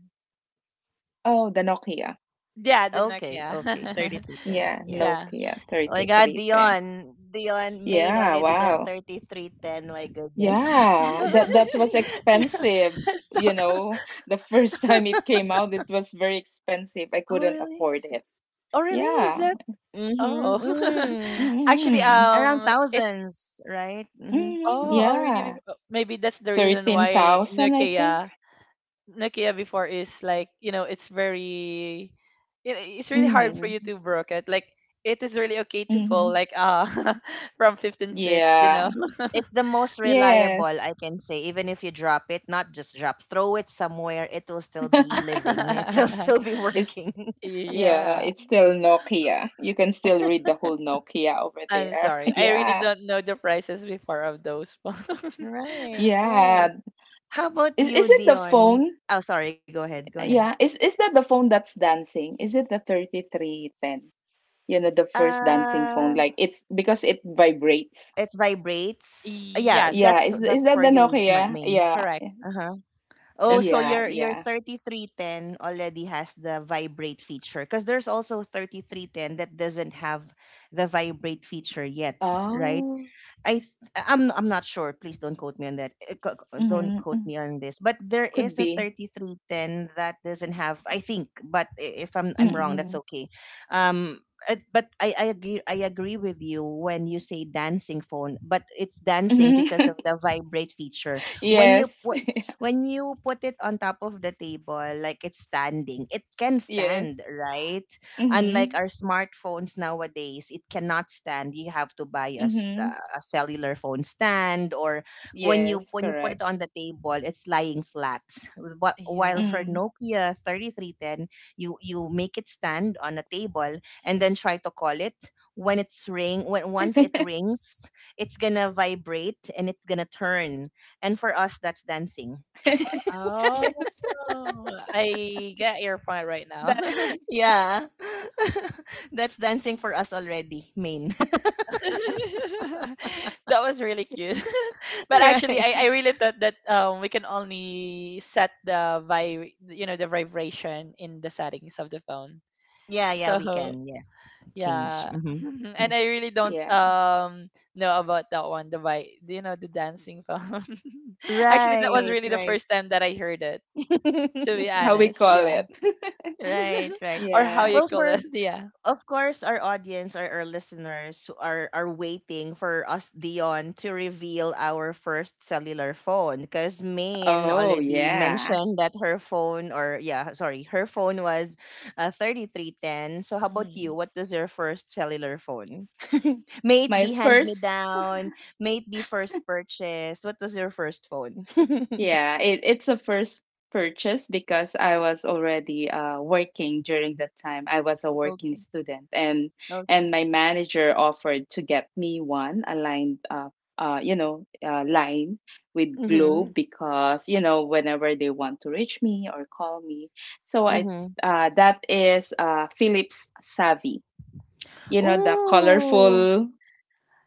S2: Oh, the Nokia.
S3: Yeah, the
S1: Okay, okay,
S3: Nokia.
S1: 3310,
S2: Yeah,
S1: yeah.
S3: Yeah.
S2: Nokia
S1: Oh my God,
S2: 3310.
S1: Dion. Dion, Maine
S2: Yeah,
S1: already got
S2: wow.
S1: 3310. My goodness.
S2: Yeah, that that was expensive,
S1: Let's
S2: you
S1: talk.
S2: know. The first time it came out, it was very expensive. I
S3: Oh
S2: couldn't
S3: really?
S2: afford it.
S3: Oh really? Is
S2: Yeah.
S3: that? Oh,
S1: Mm-hmm. Mm.
S3: actually,
S2: Mm-hmm.
S1: Around
S3: it.
S1: thousands, right? Mm-hmm.
S2: Mm-hmm.
S3: Oh,
S1: Mm-hmm.
S3: already.
S2: Yeah.
S3: Maybe that's the reason why
S2: 13,000, I think.
S3: Nokia Nokia before is like, it's very, it's really hard for
S2: Mm.
S3: you to broke it. Like it is really okay to fall
S2: Mm-hmm.
S3: like, from 15 feet, you know.
S2: Yeah.
S1: It's the most reliable,
S2: Yes.
S1: I can say. Even if you drop it, not just drop, throw it somewhere, it will still be living. It will still be
S2: It's
S1: working.
S2: yeah,
S3: Yeah,
S2: it's still Nokia. You can still read the whole Nokia over
S3: I'm
S2: there.
S3: sorry. I really
S2: Yeah.
S3: don't know the prices before of those phone.
S1: Right, right.
S2: Yeah.
S1: How about you,
S2: Is it the
S1: Dion?
S2: phone?
S1: Oh, sorry. Go ahead. Go ahead.
S2: Yeah. Is that the phone that's dancing? Is it the 3310? You know, the first dancing
S1: Uh,
S2: phone. Like it's because it vibrates.
S1: It vibrates. Yeah,
S3: Yes,
S2: Yeah. Is
S1: that's
S2: that
S1: for
S2: the
S1: you, my
S2: Nokia?
S1: main.
S2: Yeah.
S3: correct.
S1: Uh huh. Oh,
S3: That's
S1: so
S3: correct.
S2: Yeah.
S1: your
S2: Yeah.
S1: 3310 already has the vibrate feature because there's also 3310 that doesn't have the vibrate feature yet, right?
S2: Oh.
S1: I'm not sure. Please don't quote me on that. Don't
S2: Mm-hmm,
S1: quote
S2: mm-hmm.
S1: me on this. But there
S2: Could
S1: is a
S2: be.
S1: 3310 that doesn't have, I think, but if I'm I'm wrong, that's
S2: Mm-mm.
S1: okay. Um, but I agree with you when you say dancing phone. But it's dancing because of
S2: Mm-hmm.
S1: the vibrate feature. When you
S2: Yes.
S1: put it on top of the table, like it's standing, it can stand,
S2: Yes.
S1: right? Unlike
S2: Mm-hmm.
S1: our smartphones nowadays, it cannot stand. You have to buy a, s-
S2: Mm-hmm.
S1: uh, a cellular phone stand, or when you
S2: Yes.
S1: when you put it
S2: Correct.
S1: on the table it's lying flat. While
S3: Yeah.
S1: for
S2: Mm.
S1: Nokia 3310, you make it stand on a table and then try to call it when once it rings, it's gonna vibrate and it's gonna turn, and for us that's dancing.
S2: Yes.
S3: Oh, I get your point right now.
S2: Dancing.
S1: Yeah. That's dancing for us already, Main.
S3: That was really cute. But actually,
S1: Right.
S3: I really thought that, we can only set the, the vibration in the settings of the phone.
S1: Yeah, yeah,
S3: So
S1: we can. Yes. Change.
S3: yeah,
S1: Hmm.
S3: and I really don't,
S2: Yeah.
S3: know about that one, the, the dancing phone. Actually, that was
S1: Right,
S3: really the
S1: right.
S3: first time that I heard it, to be
S2: That's how we
S3: honest.
S2: call
S3: Yeah.
S2: it.
S1: Right, right.
S3: Or how
S2: Yeah.
S3: you
S1: Well,
S3: call
S1: for
S3: it. Yeah.
S1: of course our audience or our listeners who are waiting for us, Dion, to reveal our first cellular phone, because Maine
S2: Oh,
S1: already
S2: yeah.
S1: mentioned that her phone, or yeah, sorry, her phone was 3310. So how about you?
S3: Mhm.
S1: What was your first cellular phone? May it
S2: My
S1: be hand me
S2: first,
S1: down, may it be first purchase, what was your first phone?
S2: yeah, it's a first purchase because I was already working during that time. I was a working
S1: Okay,
S2: student,
S1: okay.
S2: and my manager offered to get me one aligned, you know, line with
S1: Mhm,
S2: Globe because you know whenever they want to reach me or call me. So I,
S1: mhm.
S2: that is Philips Savvy. You know the
S1: Ooh.
S2: colorful.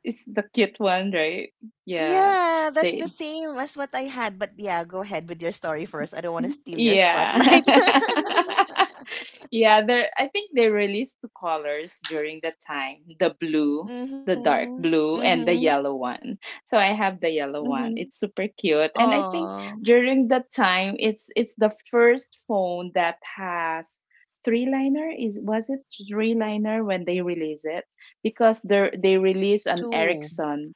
S2: It's the cute one, right? Yeah.
S1: Yeah, that's the
S2: They
S1: same as what I had. But yeah, go ahead with your story first. I don't want to steal your
S2: yeah.
S1: spotlight.
S2: Yeah, there I think they released two colors during that time. The blue, the dark
S1: Mm-hmm.
S2: blue and the
S1: Mm-hmm.
S2: yellow one. So I have the yellow one.
S1: Mm-hmm.
S2: It's super cute. And I think
S1: Oh,
S2: during that time it's the first phone that has three liner is was it three liner when they release it because they release an
S1: two.
S2: Ericsson.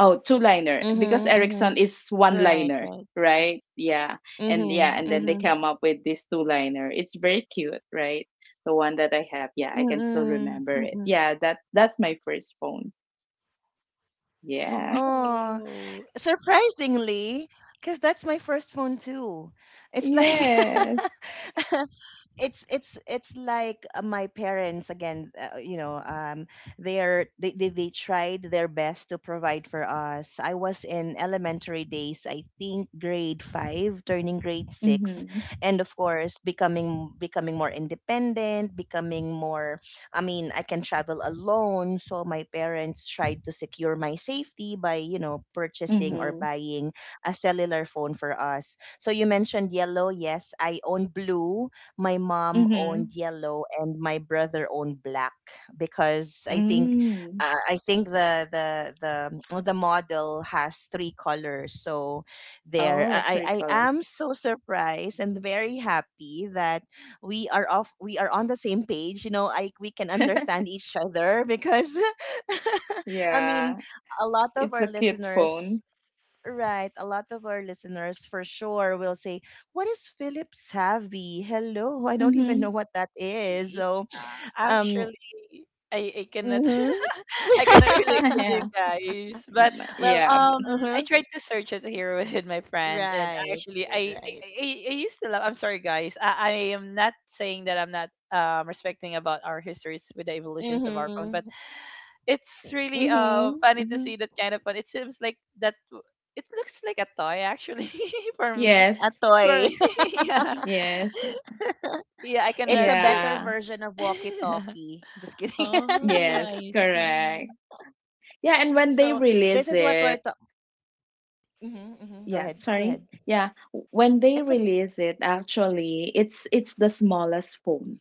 S2: Oh, two liner because
S1: Mm-hmm.
S2: Ericsson
S1: Mm-hmm.
S2: is one
S1: Right,
S2: liner,
S1: right.
S2: right? Yeah. And yeah,
S1: Mm-hmm.
S2: and then they
S1: Mm-hmm.
S2: come up with this two liner. It's very cute, right? The one that I have. Yeah, I can still
S1: Mm-mm,
S2: remember it.
S1: mm-mm.
S2: Yeah, that's my first phone. Yeah.
S1: Oh,
S3: Oh.
S1: surprisingly, because that's my first phone too. It's like
S2: Yes.
S1: it's like my parents again, you know, they're they tried their best to provide for us. I was in elementary days, I think grade 5 turning grade 6,
S2: Mhm.
S1: and of course becoming more independent, becoming more, I mean, I can travel alone. So my parents tried to secure my safety by, you know, purchasing or
S2: Mhm.
S1: buying a cellular phone for us. So you mentioned yellow. Yes, I own blue, my mom owned
S2: Mhm.
S1: yellow, and my brother owned black, because
S2: Mm.
S1: I think the well, the model has three colors. So there,
S2: Oh,
S1: I
S2: three
S1: I I am
S2: colors.
S1: so surprised and very happy that we are off. We are on the same page. You know, I we can understand each other because I mean,
S2: Yeah.
S1: a lot of
S2: It's
S1: our
S2: a cute
S1: listeners.
S2: phone.
S1: Right. A lot of our listeners for sure will say, what is Philip Savvy? Hello. I don't even
S2: Mhm.
S1: know what that is.
S3: Yeah,
S1: So, um,
S3: actually, I cannot
S1: mm-hmm.
S3: I cannot relate with you
S2: Yeah.
S3: guys, but,
S2: Mm,
S1: Well,
S2: yeah,
S3: um
S2: but-
S3: I
S1: uh-huh.
S3: tried to search it here with my friend, and
S1: Right,
S3: actually
S1: right.
S3: I, I used to love. I'm sorry, guys. I am not saying that I'm not, respecting about our histories with the evolutions of our
S1: Mm-hmm.
S3: phone, but it's really,
S1: Mm-hmm. Mm-hmm.
S3: funny to see that kind of fun. It seems like that. It looks like a toy actually for
S1: A
S3: me.
S1: toy.
S2: Yes.
S3: For me, yeah,
S2: Yes.
S3: yeah.
S1: It's
S3: I
S1: a
S3: cannot.
S1: better version
S2: Yeah.
S1: of walkie-talkie. Just kidding.
S3: Oh,
S2: Yes,
S3: I
S2: correct.
S3: see.
S2: Yeah, and when
S1: So
S2: they
S1: this is
S2: release
S1: what we're
S2: it,
S1: talking. Mm-hmm, mm-hmm. Go ahead.
S2: yeah,
S1: Go ahead.
S2: sorry. Yeah, when they
S1: It's okay.
S2: release it, actually, it's the smallest phone.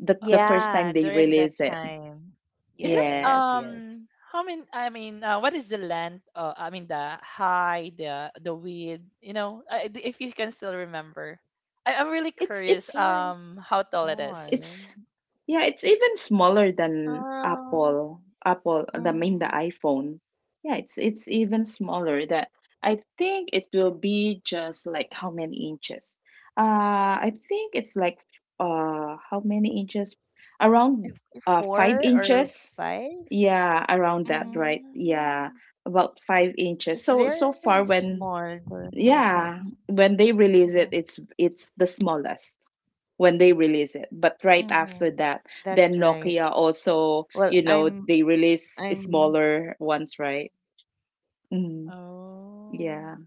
S2: The
S3: Oh,
S2: first time
S1: Yeah,
S2: they
S1: during that
S2: release it.
S1: time.
S3: is it,
S1: Yes,
S2: Yes.
S1: yes.
S3: how many? I mean, what is the length? I mean the high, the width. You know, if you can still remember, I'm really
S2: It's
S3: curious.
S2: it's
S1: Very
S3: How tall it is?
S2: It's
S1: small.
S2: yeah, it's even smaller than
S1: Um,
S2: Apple. Apple, the
S1: mhm.
S2: the iPhone. Yeah, it's even smaller. That I think it will be just like how many inches? I think it's like how many inches? Around
S1: If-
S2: five
S1: four
S2: inches.
S1: or five.
S2: Yeah, around that, right?
S1: Mm-hmm.
S3: Oh.
S2: Yeah, about 5 inches. So so
S1: It's
S2: far
S1: very
S2: when
S1: small during your
S2: yeah,
S1: time.
S2: when they release it, it's
S1: Mm-hmm.
S2: it's the smallest when they release it. But right after that,
S1: Mm-hmm.
S2: then
S1: That's
S2: Nokia
S1: right.
S2: also,
S1: Well,
S2: you know,
S1: I'm
S2: they release
S1: I'm
S2: smaller ones, right? Mm,
S3: Oh,
S2: yeah.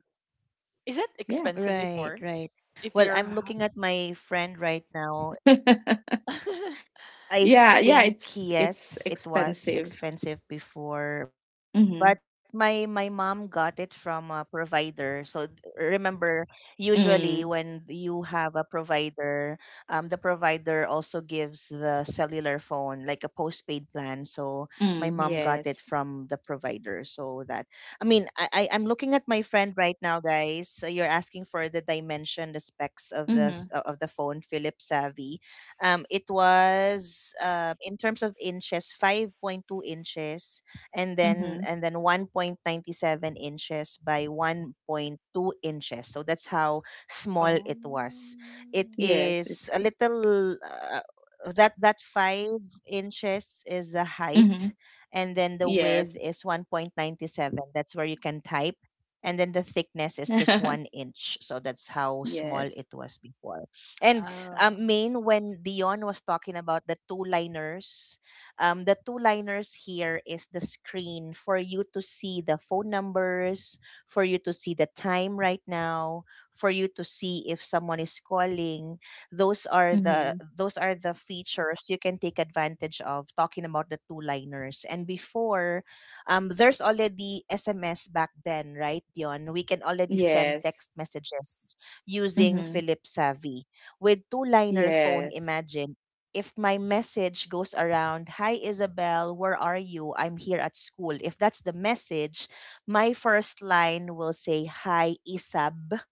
S3: is it
S2: Yes.
S3: expensive
S1: right,
S3: before?
S1: right.
S3: If
S1: Well,
S3: you're,
S1: I'm looking at my friend right now. I think
S2: Yeah,
S3: it,
S2: yeah,
S1: yes, it
S2: it's
S1: was expensive
S2: expensive.
S1: before, but my
S2: Mm-hmm.
S1: mom got it from a provider. So d- remember, usually when you
S2: Mm,
S1: have a provider, the provider also gives the cellular phone like a postpaid plan. So my
S2: mm,
S1: mom got it
S2: yes.
S1: from the provider. So that I mean, I'm looking at my friend right now, guys. So you're asking for the dimension, the specs of
S2: Mm-hmm.
S1: this of the phone, Philips Savvy. It was in terms of inches, 5.2 inches,
S2: Mm-hmm.
S1: and then 1.97 inches by 1.2 inches. So that's how small
S3: oh,
S1: it was. It
S2: Yes, it's
S1: is a
S2: good.
S1: little that 5 inches is the
S2: Mm-hmm.
S1: height, and then the
S2: Yes.
S1: width is 1.97. That's where you can type, and then the thickness is just one inch. So that's how small
S2: Yes.
S1: it was before. And
S3: oh,
S1: Main, when Dion was talking about the two liners. The two liners here is the screen for you to see the phone numbers, for you to see the time right now, for you to see if someone is calling. Those are the
S2: Mm-hmm.
S1: those are the features you can take advantage of talking about the two liners. And before, there's already SMS back then, right, Dion? We can already send text
S2: Yes.
S1: messages using
S2: Mm-hmm.
S1: Philip Savvy with two-liner phone.
S2: Yes.
S1: Imagine if my message goes around, hi Isabel, where are you, I'm here at school. If that's the message, my first line will say hi Isab,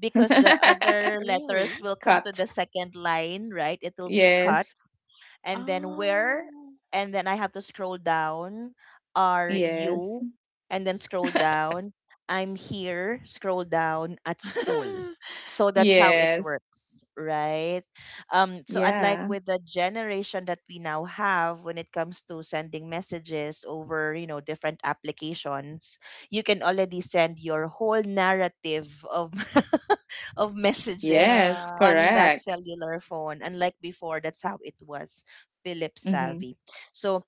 S1: because the other letters
S3: really?
S1: will come to
S2: Cut.
S1: the second line, right? It will be cut.
S2: Yes.
S1: And then where,
S3: Oh.
S1: and then I have to scroll down. Are
S2: Yes.
S1: you, and then scroll down. I'm here, scroll down at school. So that's how it
S2: Yes.
S1: works, right? So unlike
S2: Yeah.
S1: with the generation that we now have when it comes to sending messages over, you know, different applications, you can already send your whole narrative of of messages
S2: Yes.
S3: Yeah.
S1: on that
S2: Correct.
S1: cellular phone, unlike before. That's how it was, Philip
S2: Mm-hmm.
S1: Savvy. So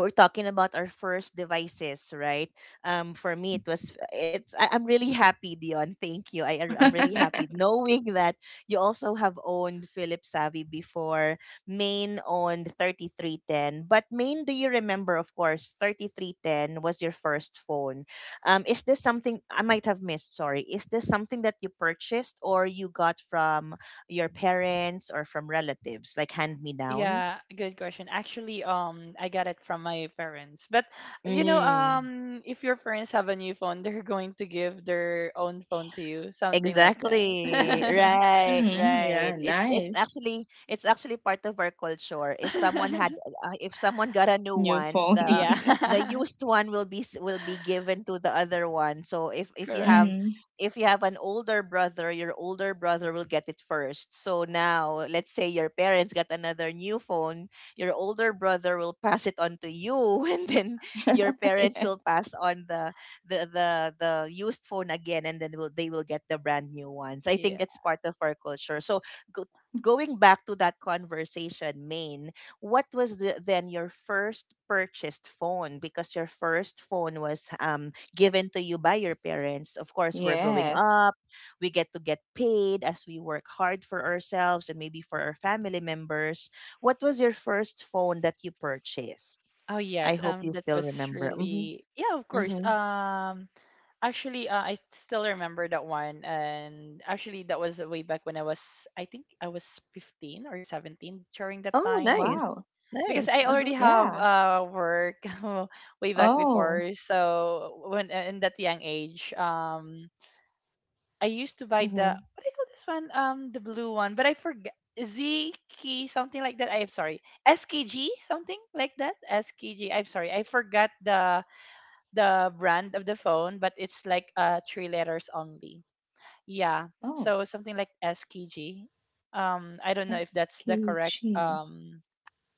S1: we're talking about our first devices, right? For me, it was it. I'm really happy, Dion. Thank you. I'm really
S3: Mhm.
S1: happy knowing that you also have owned Philips Savvy before. Main owned 3310, but Main, do you remember? Of course, 3310 was your first phone. Is this something I might have missed? Sorry, is this something that you purchased or you got from your parents or from relatives, like hand me down?
S3: Yeah, good question. Actually, I got it from my parents. But you know,
S1: Mm.
S3: if your parents have a new phone, they're going to give their own phone to you, something like
S1: Exactly.
S3: that.
S1: Right,
S2: Mm-hmm.
S1: right.
S2: Yeah.
S1: It's it's
S2: Nice.
S1: actually it's actually part of our culture. If someone had if someone got a new
S2: New
S1: one,
S2: phone.
S1: the
S3: Yeah,
S1: used one will be will be given to the other one. So if you
S3: correct.
S1: have
S2: Mm-hmm.
S1: if you have an older brother, your older brother will get it first. So now, let's say your parents got another new phone, your older brother will pass it on to you, and then your parents
S2: Yeah.
S1: will pass on the the used phone again, and then will, they will get the brand new one. So I think
S3: Yeah.
S1: it's part of our culture. So go, going back to that conversation, Main, what was the, then your first purchased phone? Because your first phone was, um, given to you by your parents. Of course, we're growing
S2: Yes.
S1: up, we get to get paid as we work hard for ourselves and maybe for our family members. What was your first phone that you purchased?
S3: Oh
S1: I
S3: yes,
S1: hope you
S3: that
S1: still
S3: was
S1: remember. Mm-hmm.
S3: really yeah, of course.
S1: Mm-hmm.
S3: Actually, I still remember that one and actually that was way back when I was I think I was 15 or 17 during that
S1: Oh,
S3: time
S1: nice.
S2: Wow.
S3: because
S1: Nice.
S3: I
S1: Uh-huh.
S3: already have,
S2: Yeah.
S3: work way back
S2: Oh.
S3: before. So when, in that young age, I used to buy the
S1: Mhm.
S3: what do you call this one? The blue one, but I forget ZK something like that. I'm sorry, SKG something like that. S K am sorry, I forgot the brand of the phone, but it's like three letters only. Yeah,
S2: Oh.
S3: so something like SKG. I don't know if that's the correct
S2: SKG.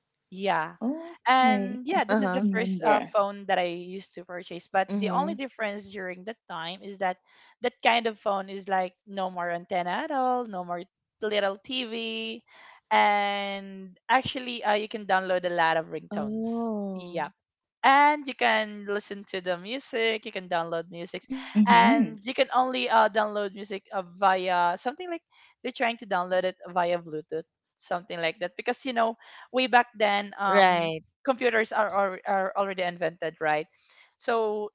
S1: Uh-huh.
S3: yeah.
S2: Okay.
S3: And
S2: I
S3: yeah, this is
S2: can't
S3: the first
S2: remember.
S3: phone that I
S1: Mhm.
S3: used to purchase. But the only difference during that time is that that kind of phone is like no more antenna at all, no more little TV. And actually, you can download a lot of ringtones.
S1: Oh.
S3: Yeah, and you can listen to the music. You can download music,
S2: Mm-hmm.
S3: and you can only download music via something like they're trying to download it via Bluetooth, something like that. Because you know, way back then,
S1: Right.
S3: computers are already invented, right? So,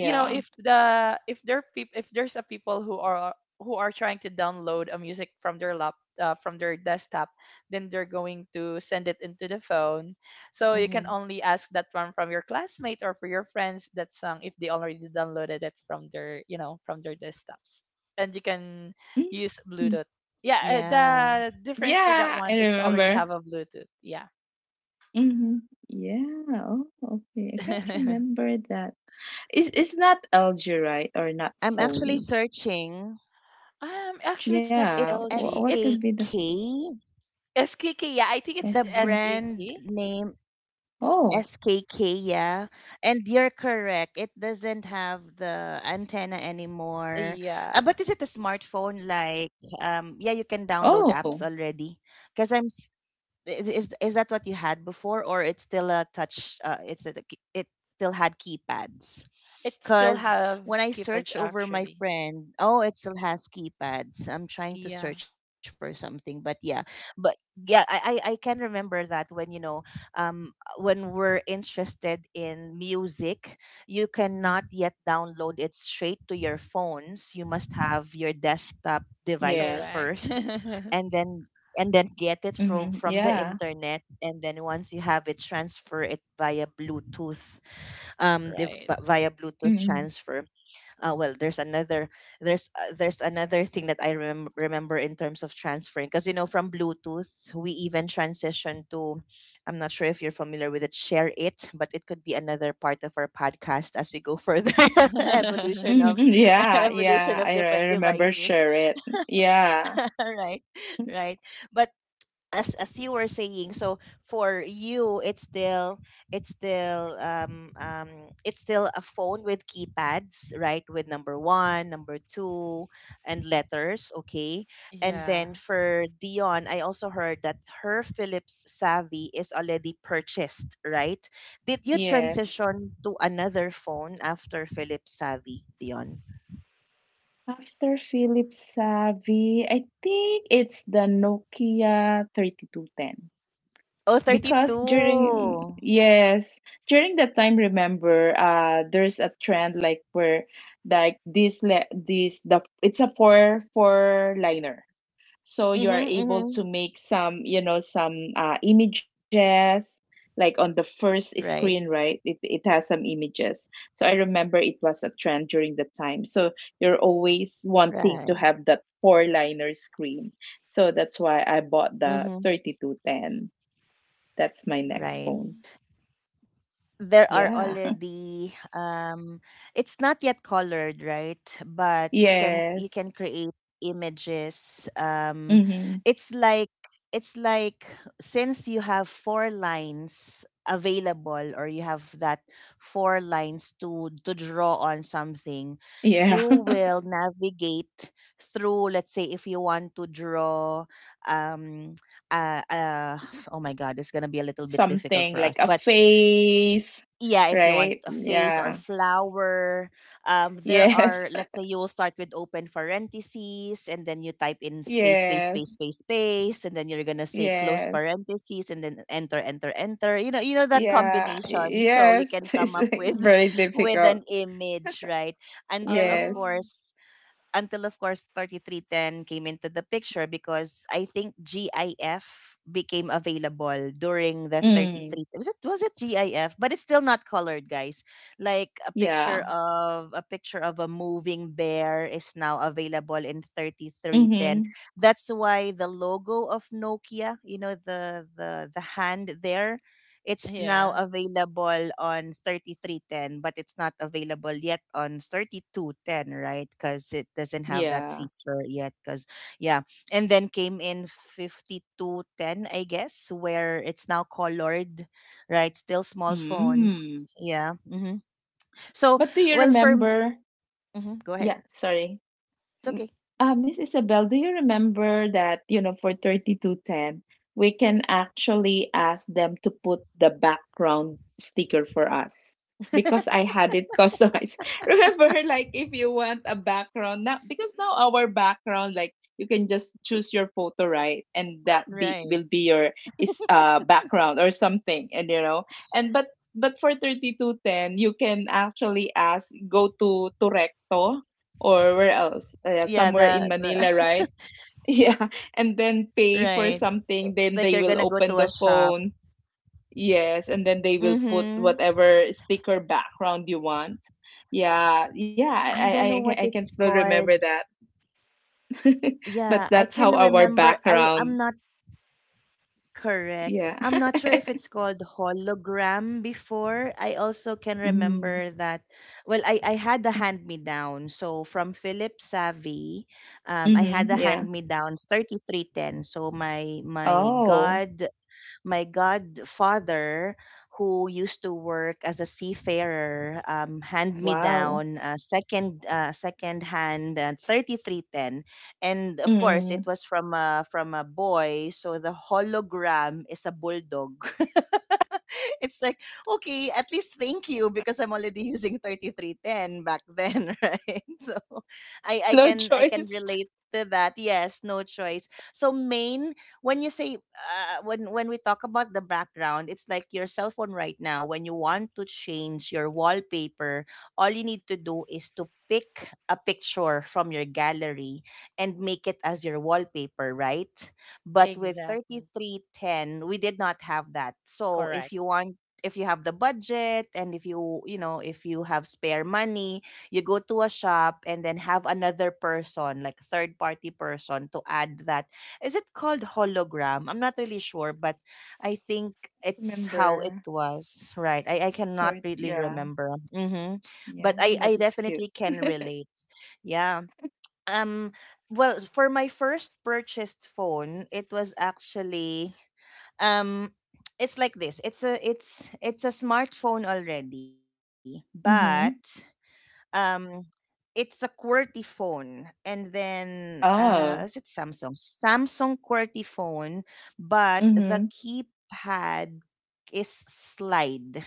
S3: you know, if there's a people who are trying to download a music from their lap from their desktop, then they're going to send it into the phone. So
S1: Mhm.
S3: you can only ask that one from your classmate or for your friends that song if they already downloaded it from their, you know, from their desktops, and you can use
S2: Mm,
S3: Bluetooth. Yeah,
S1: Yeah.
S3: the difference for that
S2: yeah. I
S3: one, it's already
S2: remember.
S3: have a Bluetooth. Yeah.
S2: Mhm. Yeah. Oh, okay. I can't remember that. It's not LG, right? Or not
S1: I'm actually
S2: Sony?
S1: searching.
S3: Actually, it's not
S2: Yeah.
S1: It's
S2: What
S3: LG,
S2: could be
S3: it's
S2: the
S1: SKK.
S3: SKK, yeah, I think it's
S1: The
S2: SK?
S1: brand
S3: SKK.
S1: name
S2: Oh.
S1: SKK, yeah. And you're correct. It doesn't have the antenna anymore.
S3: Yeah,
S1: But is it a smartphone? Like, yeah, you can download
S2: Oh.
S1: apps already. Because I'm, is, is that what you had before, or it's still a touch? It's a, it still had keypads.
S3: it still
S1: Because when
S3: have
S1: I
S3: kids
S1: search over my
S3: actually.
S1: friend, oh, it still has keypads. I'm trying to
S3: Yeah.
S1: search for something, but
S2: Oh,
S1: yeah, I
S2: wow.
S1: I, I can remember that when you know, when we're interested in music, you
S3: Hmm,
S1: cannot yet download it straight to your phones. You must have your
S2: Yes.
S1: desktop device
S3: correct.
S1: first, and then and
S2: Mm-hmm.
S1: then get it
S2: Yeah.
S1: from the internet, and then once you have it, transfer it via Bluetooth. Um,
S3: Right.
S1: via
S2: Mm-hmm.
S1: Bluetooth transfer. Well, there's another thing that I remember in terms of transferring, because you know from Bluetooth we even transition to, I'm not sure if you're familiar with it, share it, but it could be another part of our podcast as we go further. Evolution
S2: Mm-hmm.
S1: of
S2: Yeah.
S1: evolution
S2: Yeah.
S1: of
S2: I
S1: different
S2: remember
S1: devices.
S2: share it. Yeah.
S1: Right. Right. But as you were saying, so for you it's still, it's still it's still a phone with keypads, right? With number 1, number 2, and letters, okay? And
S3: Yeah.
S1: then for Dion, I also heard that her Philips Savvy is already purchased, right? Did you
S2: Yes.
S1: transition to another phone after Philips Savvy, Dion?
S2: After Philips Savvy, I think it's the Nokia 3210,
S1: Oh,
S2: because
S1: 32.
S2: during yes during that time, remember there's a trend like where like this le- this the it's a four liner, so you
S1: Mhm,
S2: are able
S1: mhm.
S2: to make some, you know, some images like on the first
S1: Right,
S2: screen, right? It has some images. So I remember it was a trend during that time, so you're always wanting
S1: right.
S2: to have that four liner screen, so that's why I bought the
S1: Mm-hmm.
S2: 3210. That's my next
S1: Right.
S2: phone.
S3: Mm.
S1: There are
S2: Yeah.
S1: already um, it's not yet colored, right? But you
S2: Yes.
S1: can create images. Um,
S2: Mm-hmm.
S1: it's like, it's like, since you have four lines available, or you have that four lines to draw on something, you
S2: Yeah.
S1: will navigate through, let's say if you want to draw um uh, uh oh my god, it's gonna be a little bit difficult for
S2: Something
S1: us,
S2: like a
S1: but
S2: face,
S1: yeah, if you want
S2: right?
S1: a face or
S2: Yeah.
S1: flower, um, there
S2: Yes.
S1: are, let's say you will start with open parentheses, and then you type in space space
S2: Yes.
S1: space space space, and then you're gonna say close
S2: Yes.
S1: parentheses, and then enter enter enter, you know, you know that
S2: Yeah.
S1: combination, so you
S2: Yes.
S1: can come
S2: It's
S1: up
S2: like
S1: with
S2: very
S1: with
S2: difficult.
S1: an image, right? until of
S2: Yes.
S3: Oh,
S1: course until of course 3310 came into the picture, because I think GIF became available during the
S2: Mm.
S1: 33, was it, was it GIF, but it's still not colored, guys, like a
S2: Yeah.
S1: picture of a picture of a moving bear is now available in 3310.
S2: Mm-hmm.
S1: That's why the logo of Nokia, you know, the hand there, it's now
S3: yeah.
S1: available on 3310, but it's not available yet on 3210, right? Because it doesn't have that
S2: Yeah.
S1: feature yet. Because, yeah. And then came in 5210, I guess, where it's now colored, right? Still small
S2: Mm.
S1: phones. Yeah. Hmm. So,
S2: But do you
S1: well, for.
S2: remember?
S1: Hmm. Go ahead.
S2: Yeah, sorry.
S1: It's
S2: Mm,
S1: okay.
S2: uh, Miss Isabel, do you remember that, you know, for 3210, we can actually ask them to put the background sticker for us because I had it customized. Remember, like, if you want a background, now, because now our background, like, you can just choose your photo, right? And that be will
S1: Right.
S2: be your is background or something, and you know, and but for 3210, you can actually ask go to Recto or where else?
S1: Yeah.
S2: Somewhere in Manila,
S1: The
S2: right? Yeah, and then
S1: right.
S2: pay for
S1: It's like you're
S2: something,
S1: gonna
S2: then
S1: go
S2: they
S1: to a
S2: will
S1: shop.
S2: open the phone. Yes, and then they will
S1: Mm-hmm.
S2: put whatever sticker background you want. Yeah, yeah,
S1: I don't know
S2: I
S1: what
S2: can
S1: it's
S2: still remember
S1: called.
S2: that.
S1: Yeah,
S2: But
S1: I
S2: that's
S1: can
S2: how our
S1: remember. I'm
S2: background,
S1: not correct.
S2: yeah.
S1: I'm not sure if it's called hologram before. I also can
S2: Mm-hmm.
S1: remember that. Well, I had the hand me down. So from Philip Savvy, I
S2: Mm-hmm.
S1: had the
S2: Yeah.
S1: hand me down 3310. So my my
S2: Oh,
S1: God my godfather, who used to work as a seafarer, hand me
S2: wow.
S1: down a second hand 3310, and of course it
S2: Mm.
S1: was from a boy. So the hologram is a bulldog. It's like okay, at least thank you because I'm already using 3310 back then, right? So I I
S2: No
S1: can I can
S2: choice.
S1: relate to that. Yes, no choice. So main when you say when we talk about the background, it's like your cell phone right now. When you want to change your wallpaper, all you need to do is to pick a picture from your gallery and make it as your wallpaper, right? But with
S3: Exactly.
S1: 3310 we did not have that. So if
S3: Correct.
S1: you want, if you have the budget, and if you have spare money, you go to a shop and then have another person, like third party person, to add that. Is it called hologram? I'm not really sure, but I think it's how it
S2: Remember.
S1: was. Right. I cannot
S2: Sorry.
S1: really
S2: Yeah.
S1: remember. Mm-hmm.
S2: Yeah.
S1: But I,
S2: That
S1: I
S2: is cute.
S1: definitely can relate. Yeah. Um well, for my first purchased phone, it was actually, um it's like this. It's a smartphone already, but
S2: Mm-hmm.
S1: um it's a QWERTY phone. And then, is it
S2: Oh,
S1: Samsung? Samsung QWERTY phone, but the
S2: mhm.
S1: keypad is slide.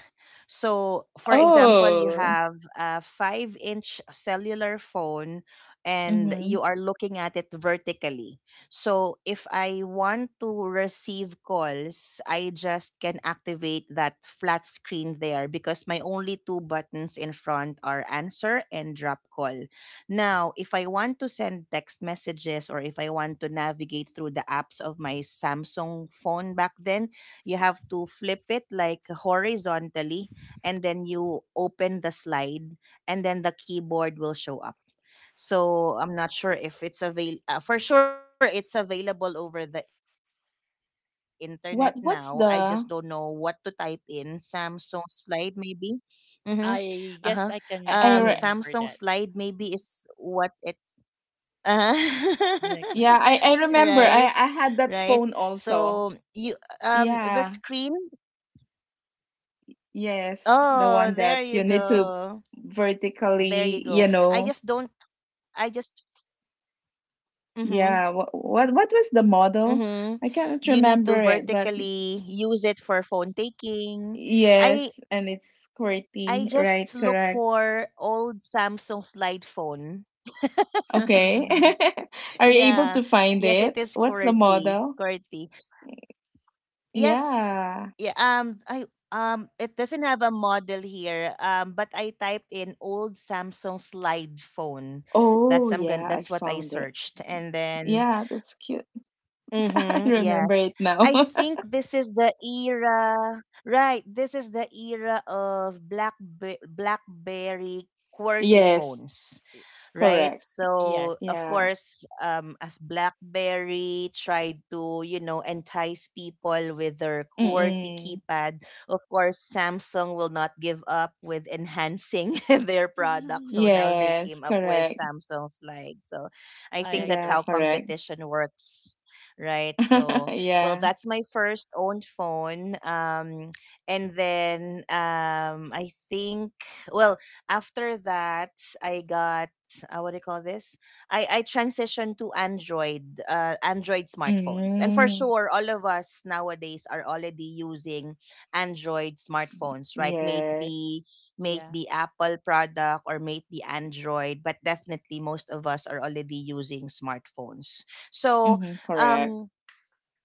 S1: So, for example, you
S2: Oh,
S1: have a 5-inch cellular phone and
S2: mhm.
S1: you are looking at it vertically. So if I want to receive calls, I just can activate that flat screen there because my only two buttons in front are answer and drop call. Now, if I want to send text messages or if I want to navigate through the apps of my Samsung phone back then, you have to flip it like horizontally, and then you open the slide and then the keyboard will show up. So I'm not sure if it's avail for sure it's available over the internet now. I just don't know what
S2: What
S1: to
S2: what's
S1: type in.
S2: the
S1: Samsung slide maybe. Mm-hmm. Uh-huh.
S3: I guess I
S1: Samsung
S2: I,
S3: can
S2: I
S3: still
S1: slide
S2: re-
S1: maybe
S3: remember that.
S1: is what it's. Uh huh.
S3: Like,
S2: yeah,
S3: like.
S2: I
S1: Right.
S2: remember. I
S1: Right.
S2: had that phone
S1: So
S2: also.
S1: you, the
S2: Yeah.
S1: screen.
S2: Yes, the
S1: Oh,
S2: one that
S1: there
S2: you
S1: you
S2: need to
S1: go. There you go.
S2: vertically,
S1: I
S2: you
S1: just
S2: know.
S1: don't. I just. Mm-hmm.
S2: Yeah, what was the
S1: Mm-hmm.
S2: model?
S1: You
S2: I
S1: need
S2: cannot
S1: to
S2: remember it, but
S1: vertically use it for phone taking. I
S2: yes, and it's
S1: I
S2: QWERTY,
S1: just
S2: right?
S1: look
S2: Correct.
S1: for old Samsung slide phone.
S2: Okay. Are you able
S1: Yeah.
S2: to find
S1: Yes, it
S2: it?
S1: is
S2: What's the
S1: QWERTY.
S2: model?
S1: QWERTY. Yes.
S2: Yeah.
S1: Yeah. I. It doesn't have a model here. But I typed in old Samsung slide phone.
S2: Oh,
S1: That's I'm gonna.
S2: yeah, I
S1: That's what I
S2: found it.
S1: searched, and then.
S2: Yeah, that's cute. I
S1: Mm-hmm,
S2: remember
S1: yes.
S2: it now.
S1: I think this is the era, right? This is the era of BlackBerry QWERTY
S2: Yes,
S1: phones, right?
S2: correct.
S1: So, of
S3: Yes.
S2: Yeah.
S1: course, as BlackBerry tried to entice people with their QWERTY
S2: Mm-mm.
S1: keypad, of course, Samsung will not give up with enhancing their product. So now they
S2: Yes,
S1: came up with
S2: correct.
S1: Samsung Slide. So I think
S3: I
S1: that's
S2: Yeah,
S1: how
S3: agree.
S2: correct.
S1: competition works, right? So, well,
S2: Yeah.
S1: that's my first own phone. And then, I think, well, after that, I got, what do you call this? I transitioned to Android, Android smartphones, and for
S2: Mm.
S1: sure, all of us nowadays are already using Android smartphones, right? May it
S2: Yes.
S1: be may it
S3: Yeah.
S1: be Apple product or may it be Android, but definitely most of us are already using smartphones. So,
S2: Mm-hmm, correct.
S1: um,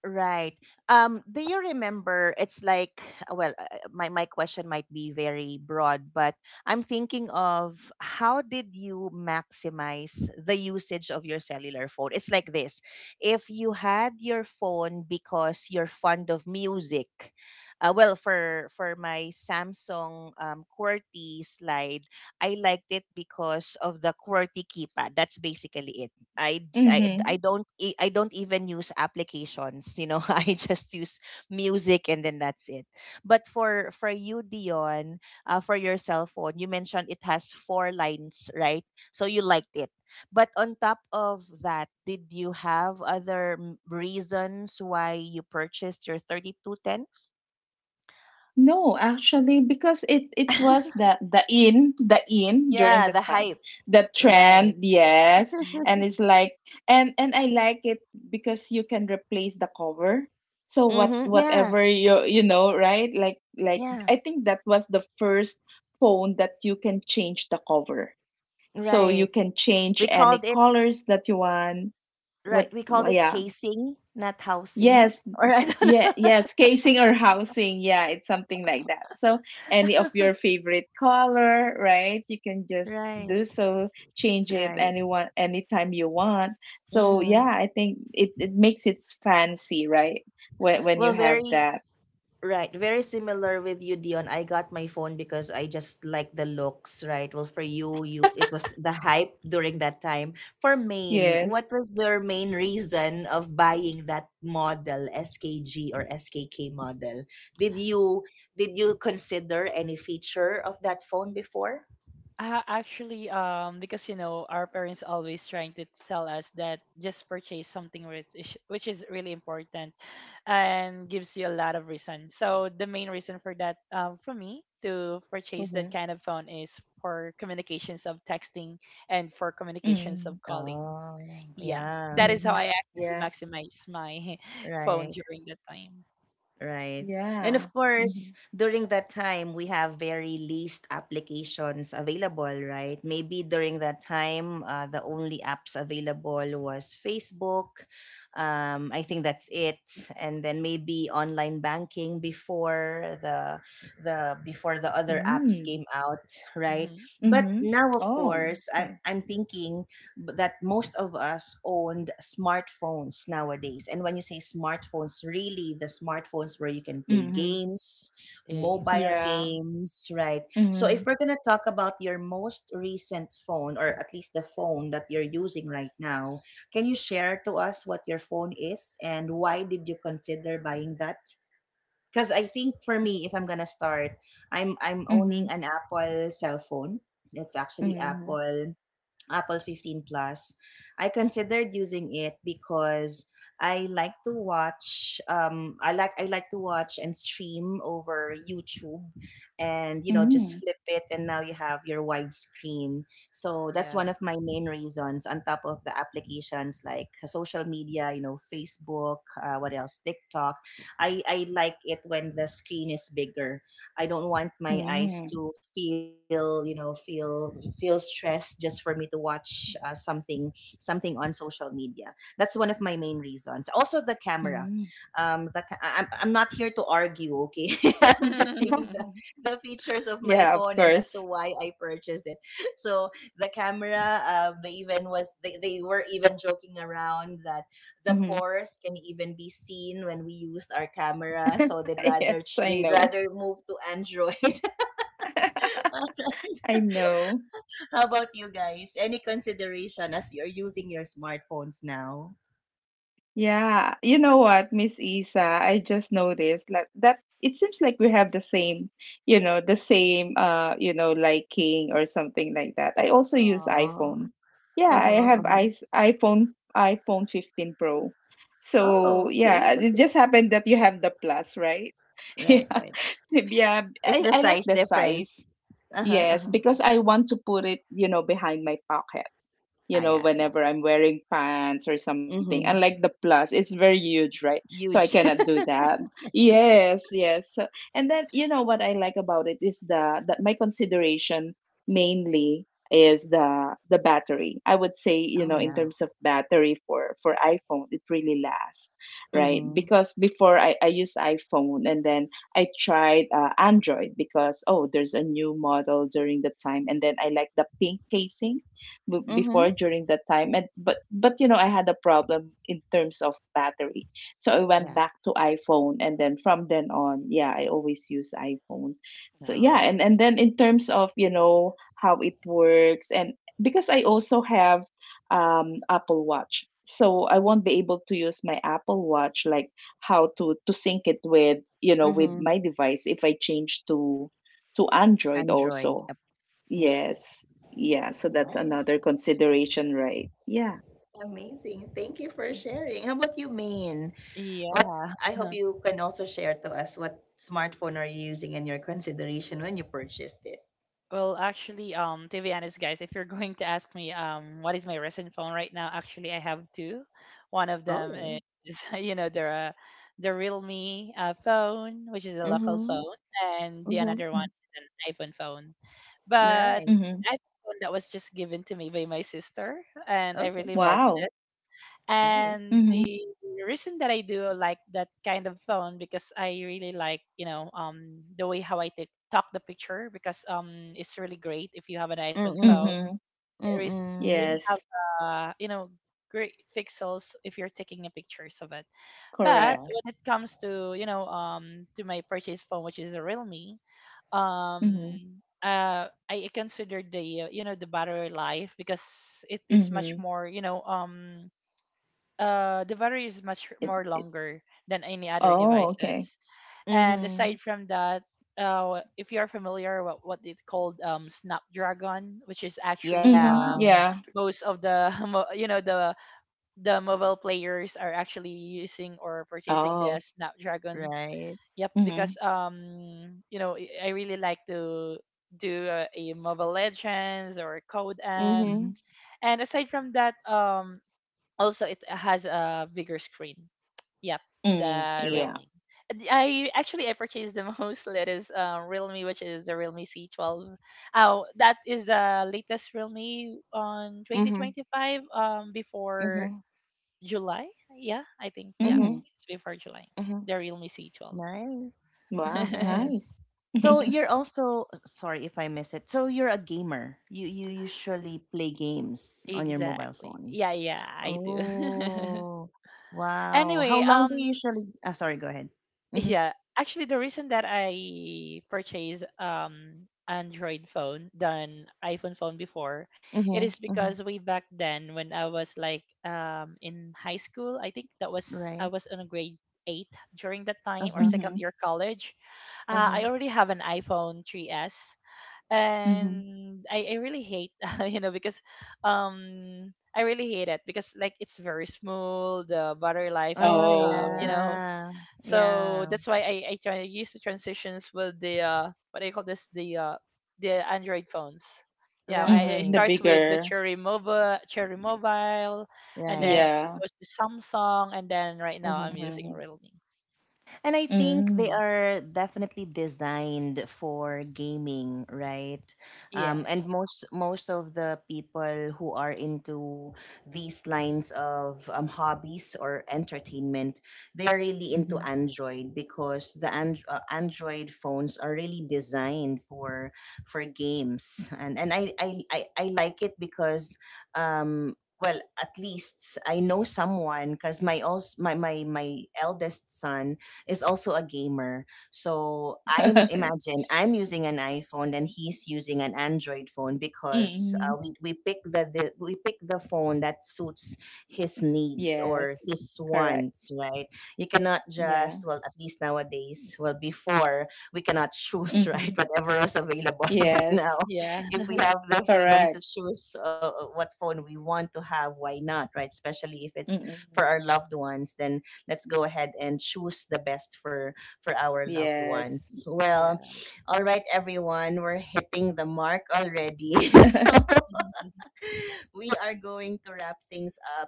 S1: right. Do you remember? It's like, well, my question might be very broad, but I'm thinking of how did you maximize the usage of your cellular phone? It's like this: if you had your phone because you're fond of music, well, for my Samsung, QWERTY slide, I liked it because of the QWERTY keypad. That's basically it. I, j-
S2: Mm-hmm.
S1: I don't e- I don't even use applications. I just use music and then that's it. But for you, Dion, for your cell phone, you mentioned it has four lines, right? So you liked it. But on top of that, did you have other reasons why you purchased your 3210?
S2: No, actually, because it was the in during
S1: Yeah,
S2: the
S1: the
S2: time
S1: hype.
S2: the
S1: Right.
S2: trend, yes,
S3: Oh.
S2: and it's like and I like it because you can replace the cover. So
S1: Mm-hmm. Yeah.
S2: whatever you you know right like
S1: Yeah.
S2: I think that was the first phone that you can change the cover. So you
S1: Right.
S2: can
S1: We
S2: change any
S1: called
S2: colors that you want.
S1: Right. We called it
S2: Yeah
S1: casing, not housing.
S2: yes,
S1: Or I don't
S2: yeah,
S1: know.
S2: yes, casing or housing. Yeah, it's something like that. So, any of your favorite color, right? You can just
S1: Right.
S2: do so, change it
S1: Right.
S2: anyone anytime you want. So,
S1: Mm-hmm.
S2: yeah, I think it it makes it fancy, right? When
S1: Well,
S2: you have
S1: very
S2: that.
S1: right. Very similar with you, Dion. I got my phone because I just like the looks, right? Well, for you it was the hype during that time. For Maine,
S2: Yes.
S1: what was their main reason of buying that model, SKG or SKK model? Did you did you consider any feature of that phone before?
S3: Actually, because you know, our parents always trying to tell us that just purchase something which is really important, and gives you a lot of reason. So the main reason for that, for me to purchase
S1: Mm-hmm.
S3: that kind of phone is for communications of texting and for communications
S2: Mm,
S3: of calling.
S1: Oh,
S3: Yeah,
S1: yeah.
S3: that is
S2: mm-hmm.
S3: how
S1: Yeah.
S3: I actually
S2: Yeah.
S3: maximize my phone
S1: Right,
S3: during that time.
S1: right. And of
S2: Yeah. Mm-hmm.
S1: course, during that time, we have very least applications available, right? Maybe during that time, the only apps available was Facebook. I think that's it. And then maybe online banking before the other apps
S2: Mm,
S1: came out, right?
S3: Hmm.
S1: But
S2: mm-hmm.
S1: now, of
S2: Oh,
S1: course, I'm
S2: okay.
S1: I'm thinking, that most of us owned smartphones nowadays. And when you say smartphones, really the smartphones where you can play
S2: Mm-hmm.
S1: games, mobile
S2: Yeah.
S3: Exactly.
S1: games, right? So
S2: Mm-hmm.
S1: if we're going to talk about your most recent phone, or at least the phone that you're using right now, can you share to us what your phone is and why did you consider buying that? Because I think for me, if I'm going to start, I'm
S2: Mm-hmm.
S1: owning an Apple cell phone. It's actually
S2: Mm-hmm.
S1: Apple 15 Plus. I considered using it because I like to watch and stream over YouTube, and just
S2: Mm-hmm.
S1: flip it and now you have your widescreen. So that's
S3: Yeah.
S1: one of my main reasons on top of the applications like social media, Facebook, what else? TikTok. I like it when the screen is bigger. I don't want my eyes
S2: Mm,
S1: to feel, you know, feel feel stressed just for me to watch, something on social media. That's one of my main reasons. Also the camera.
S2: mm.
S1: The ca- I- I'm not here to argue, okay? I'm just saying the features of my
S2: Yeah, of
S1: phone and as to
S2: course.
S1: why I purchased it. So the camera, they were even joking around that the
S2: Hmm.
S1: pores can even be seen when we use our camera, so they'd
S2: Yes,
S1: rather ch-
S2: I
S1: they'd
S2: know.
S1: rather move to Android.
S2: I know.
S1: How about you guys, any consideration as you're using your smartphones now?
S2: Yeah. You know what, Miss Isa, I just noticed like that it seems like we have the same, you know, the same you know, liking or something like that. I also use
S1: Oh.
S2: iPhone. Yeah, I
S1: Uh-huh,
S2: have I
S1: uh-huh.
S2: iPhone iPhone 15 Pro. So,
S1: Oh, okay,
S2: yeah, it
S1: okay.
S2: just happened that you have the plus, right?
S1: Right,
S2: Yeah.
S1: right.
S2: Yeah,
S1: It's the
S2: I like
S1: size
S2: the size.
S1: difference. Uh-huh,
S2: Yes,
S1: uh-huh.
S2: because I want to put it, you know, behind my pocket you
S1: Ah,
S2: know,
S1: yeah, yeah.
S2: whenever I'm wearing pants or something. And like
S1: Mm-hmm.
S2: the plus, it's very huge, right? So I
S1: Huge.
S2: cannot do that. Yes, yes. So, and then you know what I like about it is the that my consideration mainly is the battery. I would say, you
S1: Oh,
S2: know, in
S1: yeah.
S2: terms of battery for iPhone, it really lasts, right?
S1: Mm-hmm.
S2: Because before I use iPhone and then I tried Android because oh, there's a new model during the time and then I like the pink casing
S1: Mm-hmm.
S2: before during that time, and but you know I had a problem in terms of battery, so I went
S1: Yeah.
S2: back to iPhone, and then from then on yeah I always use iPhone. So yeah,
S1: So.
S2: and then in terms of you know how it works and because I also have Apple Watch, so I won't be able to use my Apple Watch like how to sync it with you know with
S1: Mm-hmm.
S2: my device if I change to Android
S1: Android.
S2: also.
S1: Yep, yep.
S2: Yes. Yeah. So that's another
S1: Nice.
S2: consideration, right? Yeah.
S1: Amazing. Thank you for sharing. How about you, Maine? What's
S3: Yeah.
S1: I hope you can also share to us what smartphone are you using and your consideration when you purchased it.
S3: Well, actually, to be honest, guys, if you're going to ask me, what is my recent phone right now? Actually, I have two. One of them
S1: Oh.
S3: is, you know, the Realme phone, which is a local
S1: Mm-hmm.
S3: phone, and the
S1: Mm-hmm.
S3: another one is an iPhone phone. But
S1: Right.
S2: Mm-hmm.
S3: iPhone phone that was just given to me by my sister, and I
S1: Okay.
S3: really valued
S2: Wow.
S3: it.
S1: Nice.
S3: And
S2: Mm-hmm.
S3: the reason that I do like that kind of phone because I really like, you know, the way how I take talk the picture, because it's really great if you have an iPhone phone.
S2: Mm-hmm.
S1: Mm-mm.
S3: It is- really
S1: Mm-mm.
S3: have
S2: Yes.
S3: you know, great pixels if you're taking a pictures of it. But
S1: Yeah.
S2: Correct.
S3: when it comes to, you know, to my purchase phone, which is a Realme,
S2: Mm-hmm.
S3: I consider the you know, the battery life, because it is much
S2: Mm-hmm.
S3: more, you know, the battery is much
S2: It,
S3: more
S2: it,
S3: longer than any other
S2: oh, okay.
S3: devices. And aside
S1: Mm-hmm.
S3: from that, if you are familiar with what it called, Snapdragon, which is actually,
S2: Mm-hmm.
S1: Yeah.
S2: Yeah.
S3: most of the you know, the mobile players are actually using or purchasing the
S2: Oh.
S3: Snapdragon.
S1: Right.
S3: Yep, because
S2: Mm-hmm.
S3: you know, I really like to do a Mobile Legends or Code
S1: Mm-hmm.
S3: M.
S2: Mhm.
S3: And aside from that, also it has a bigger screen. Yep,
S2: Mm,
S3: the
S2: yeah.
S3: Realme.
S1: Yes.
S3: And I actually I purchased the most latest Realme, which is the Realme C12. Oh, that is the latest Realme on
S1: Mm-hmm.
S3: 2025, before
S1: Mm-hmm.
S3: July. Yeah, I think, yeah,
S1: Mm-hmm.
S2: Mm.
S3: it's before July.
S1: Mm-hmm.
S3: The Realme C12.
S1: Nice.
S2: Wow.
S1: Nice.
S2: Nice.
S1: So you're also, sorry if I miss it. So you're a gamer. You usually play games on your mobile
S3: Exactly,
S1: phones.
S3: yeah, yeah, I do.
S1: Oh, wow. How
S3: Anyway,
S1: long do you usually? Ah, sorry. Go ahead. Mhm.
S3: yeah, actually, the reason that I purchased Android phone than iPhone phone before, it
S1: Mhm.
S3: is
S1: Mhm.
S3: because way back then when I was like in high school, I think that was I
S1: Right.
S3: was in a grade 8 during that
S1: Uh
S3: time, or
S1: huh.
S2: Mm-hmm.
S3: second year college.
S1: Uh huh.
S3: I already have an iPhone 3S,
S2: Mm-hmm.
S3: and I really hate you know, because I really hate it because like it's very small, the battery life
S1: Oh
S3: is, you
S2: Oh.
S3: know,
S1: yeah.
S3: so
S1: Yeah.
S3: that's why I try to use the transitions with the what do you call this, the Android phones. Yeah, I it
S2: Mm-hmm.
S1: Right.
S2: The
S3: starts with the
S2: bigger.
S3: Cherry Mobile, Cherry Mobile, and
S1: Right.
S3: then it
S2: Yeah.
S3: goes to Samsung, and then right now I'm
S1: Mhm.
S3: using
S2: Mm-hmm.
S3: Realme.
S1: And I think they
S2: Mm-hmm.
S1: are definitely designed for gaming, right? And
S3: Yes.
S1: most of the people who are into these lines of, hobbies or entertainment, they are really into
S2: Mhm.
S1: Android because Android phones are really designed for games, and I like it because. Well, at least I know someone because my eldest son is also a gamer. So I'm imagine I'm using an iPhone and he's using an Android phone because,
S2: Mm-hmm.
S1: we pick the phone that suits his needs or
S2: Yes,
S1: his
S2: correct.
S1: wants, right? You cannot
S2: Yeah.
S1: just, well, at least nowadays, well before we cannot choose, right?
S2: Mhm.
S1: Whatever is available, but now
S2: Yes,
S3: Yeah.
S1: if we have the freedom to
S2: correct.
S1: choose, what phone we want to have, why not, right? Especially if it's
S2: Mm-mm.
S1: for our loved ones, then let's go ahead and choose the best for our loved
S2: Yes.
S1: ones, well,
S3: Yeah.
S1: all right everyone, we're hitting the mark already. So we are going to wrap things up.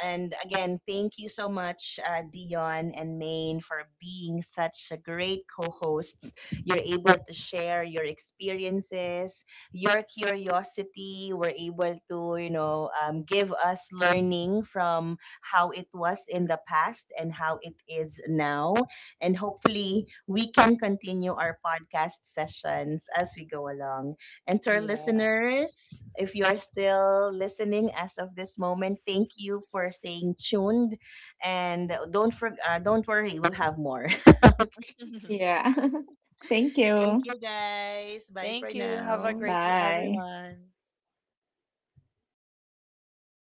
S1: And again, thank you so much, Dion and Maine, for being such a great co hosts. You're able to share your experiences, your curiosity. We're able to give us learning from how it was in the past and how it is now. And hopefully, we can continue our podcast sessions as we go along. And to our
S3: Yeah.
S1: listeners, if you are still listening as of this moment, thank you for staying tuned. And don't worry, we'll have more.
S2: Yeah. Thank you.
S1: Thank you guys. Bye
S3: Thank
S1: for
S3: you. Have a
S1: now.
S3: great day,
S2: Bye.
S3: everyone.
S1: O, diba?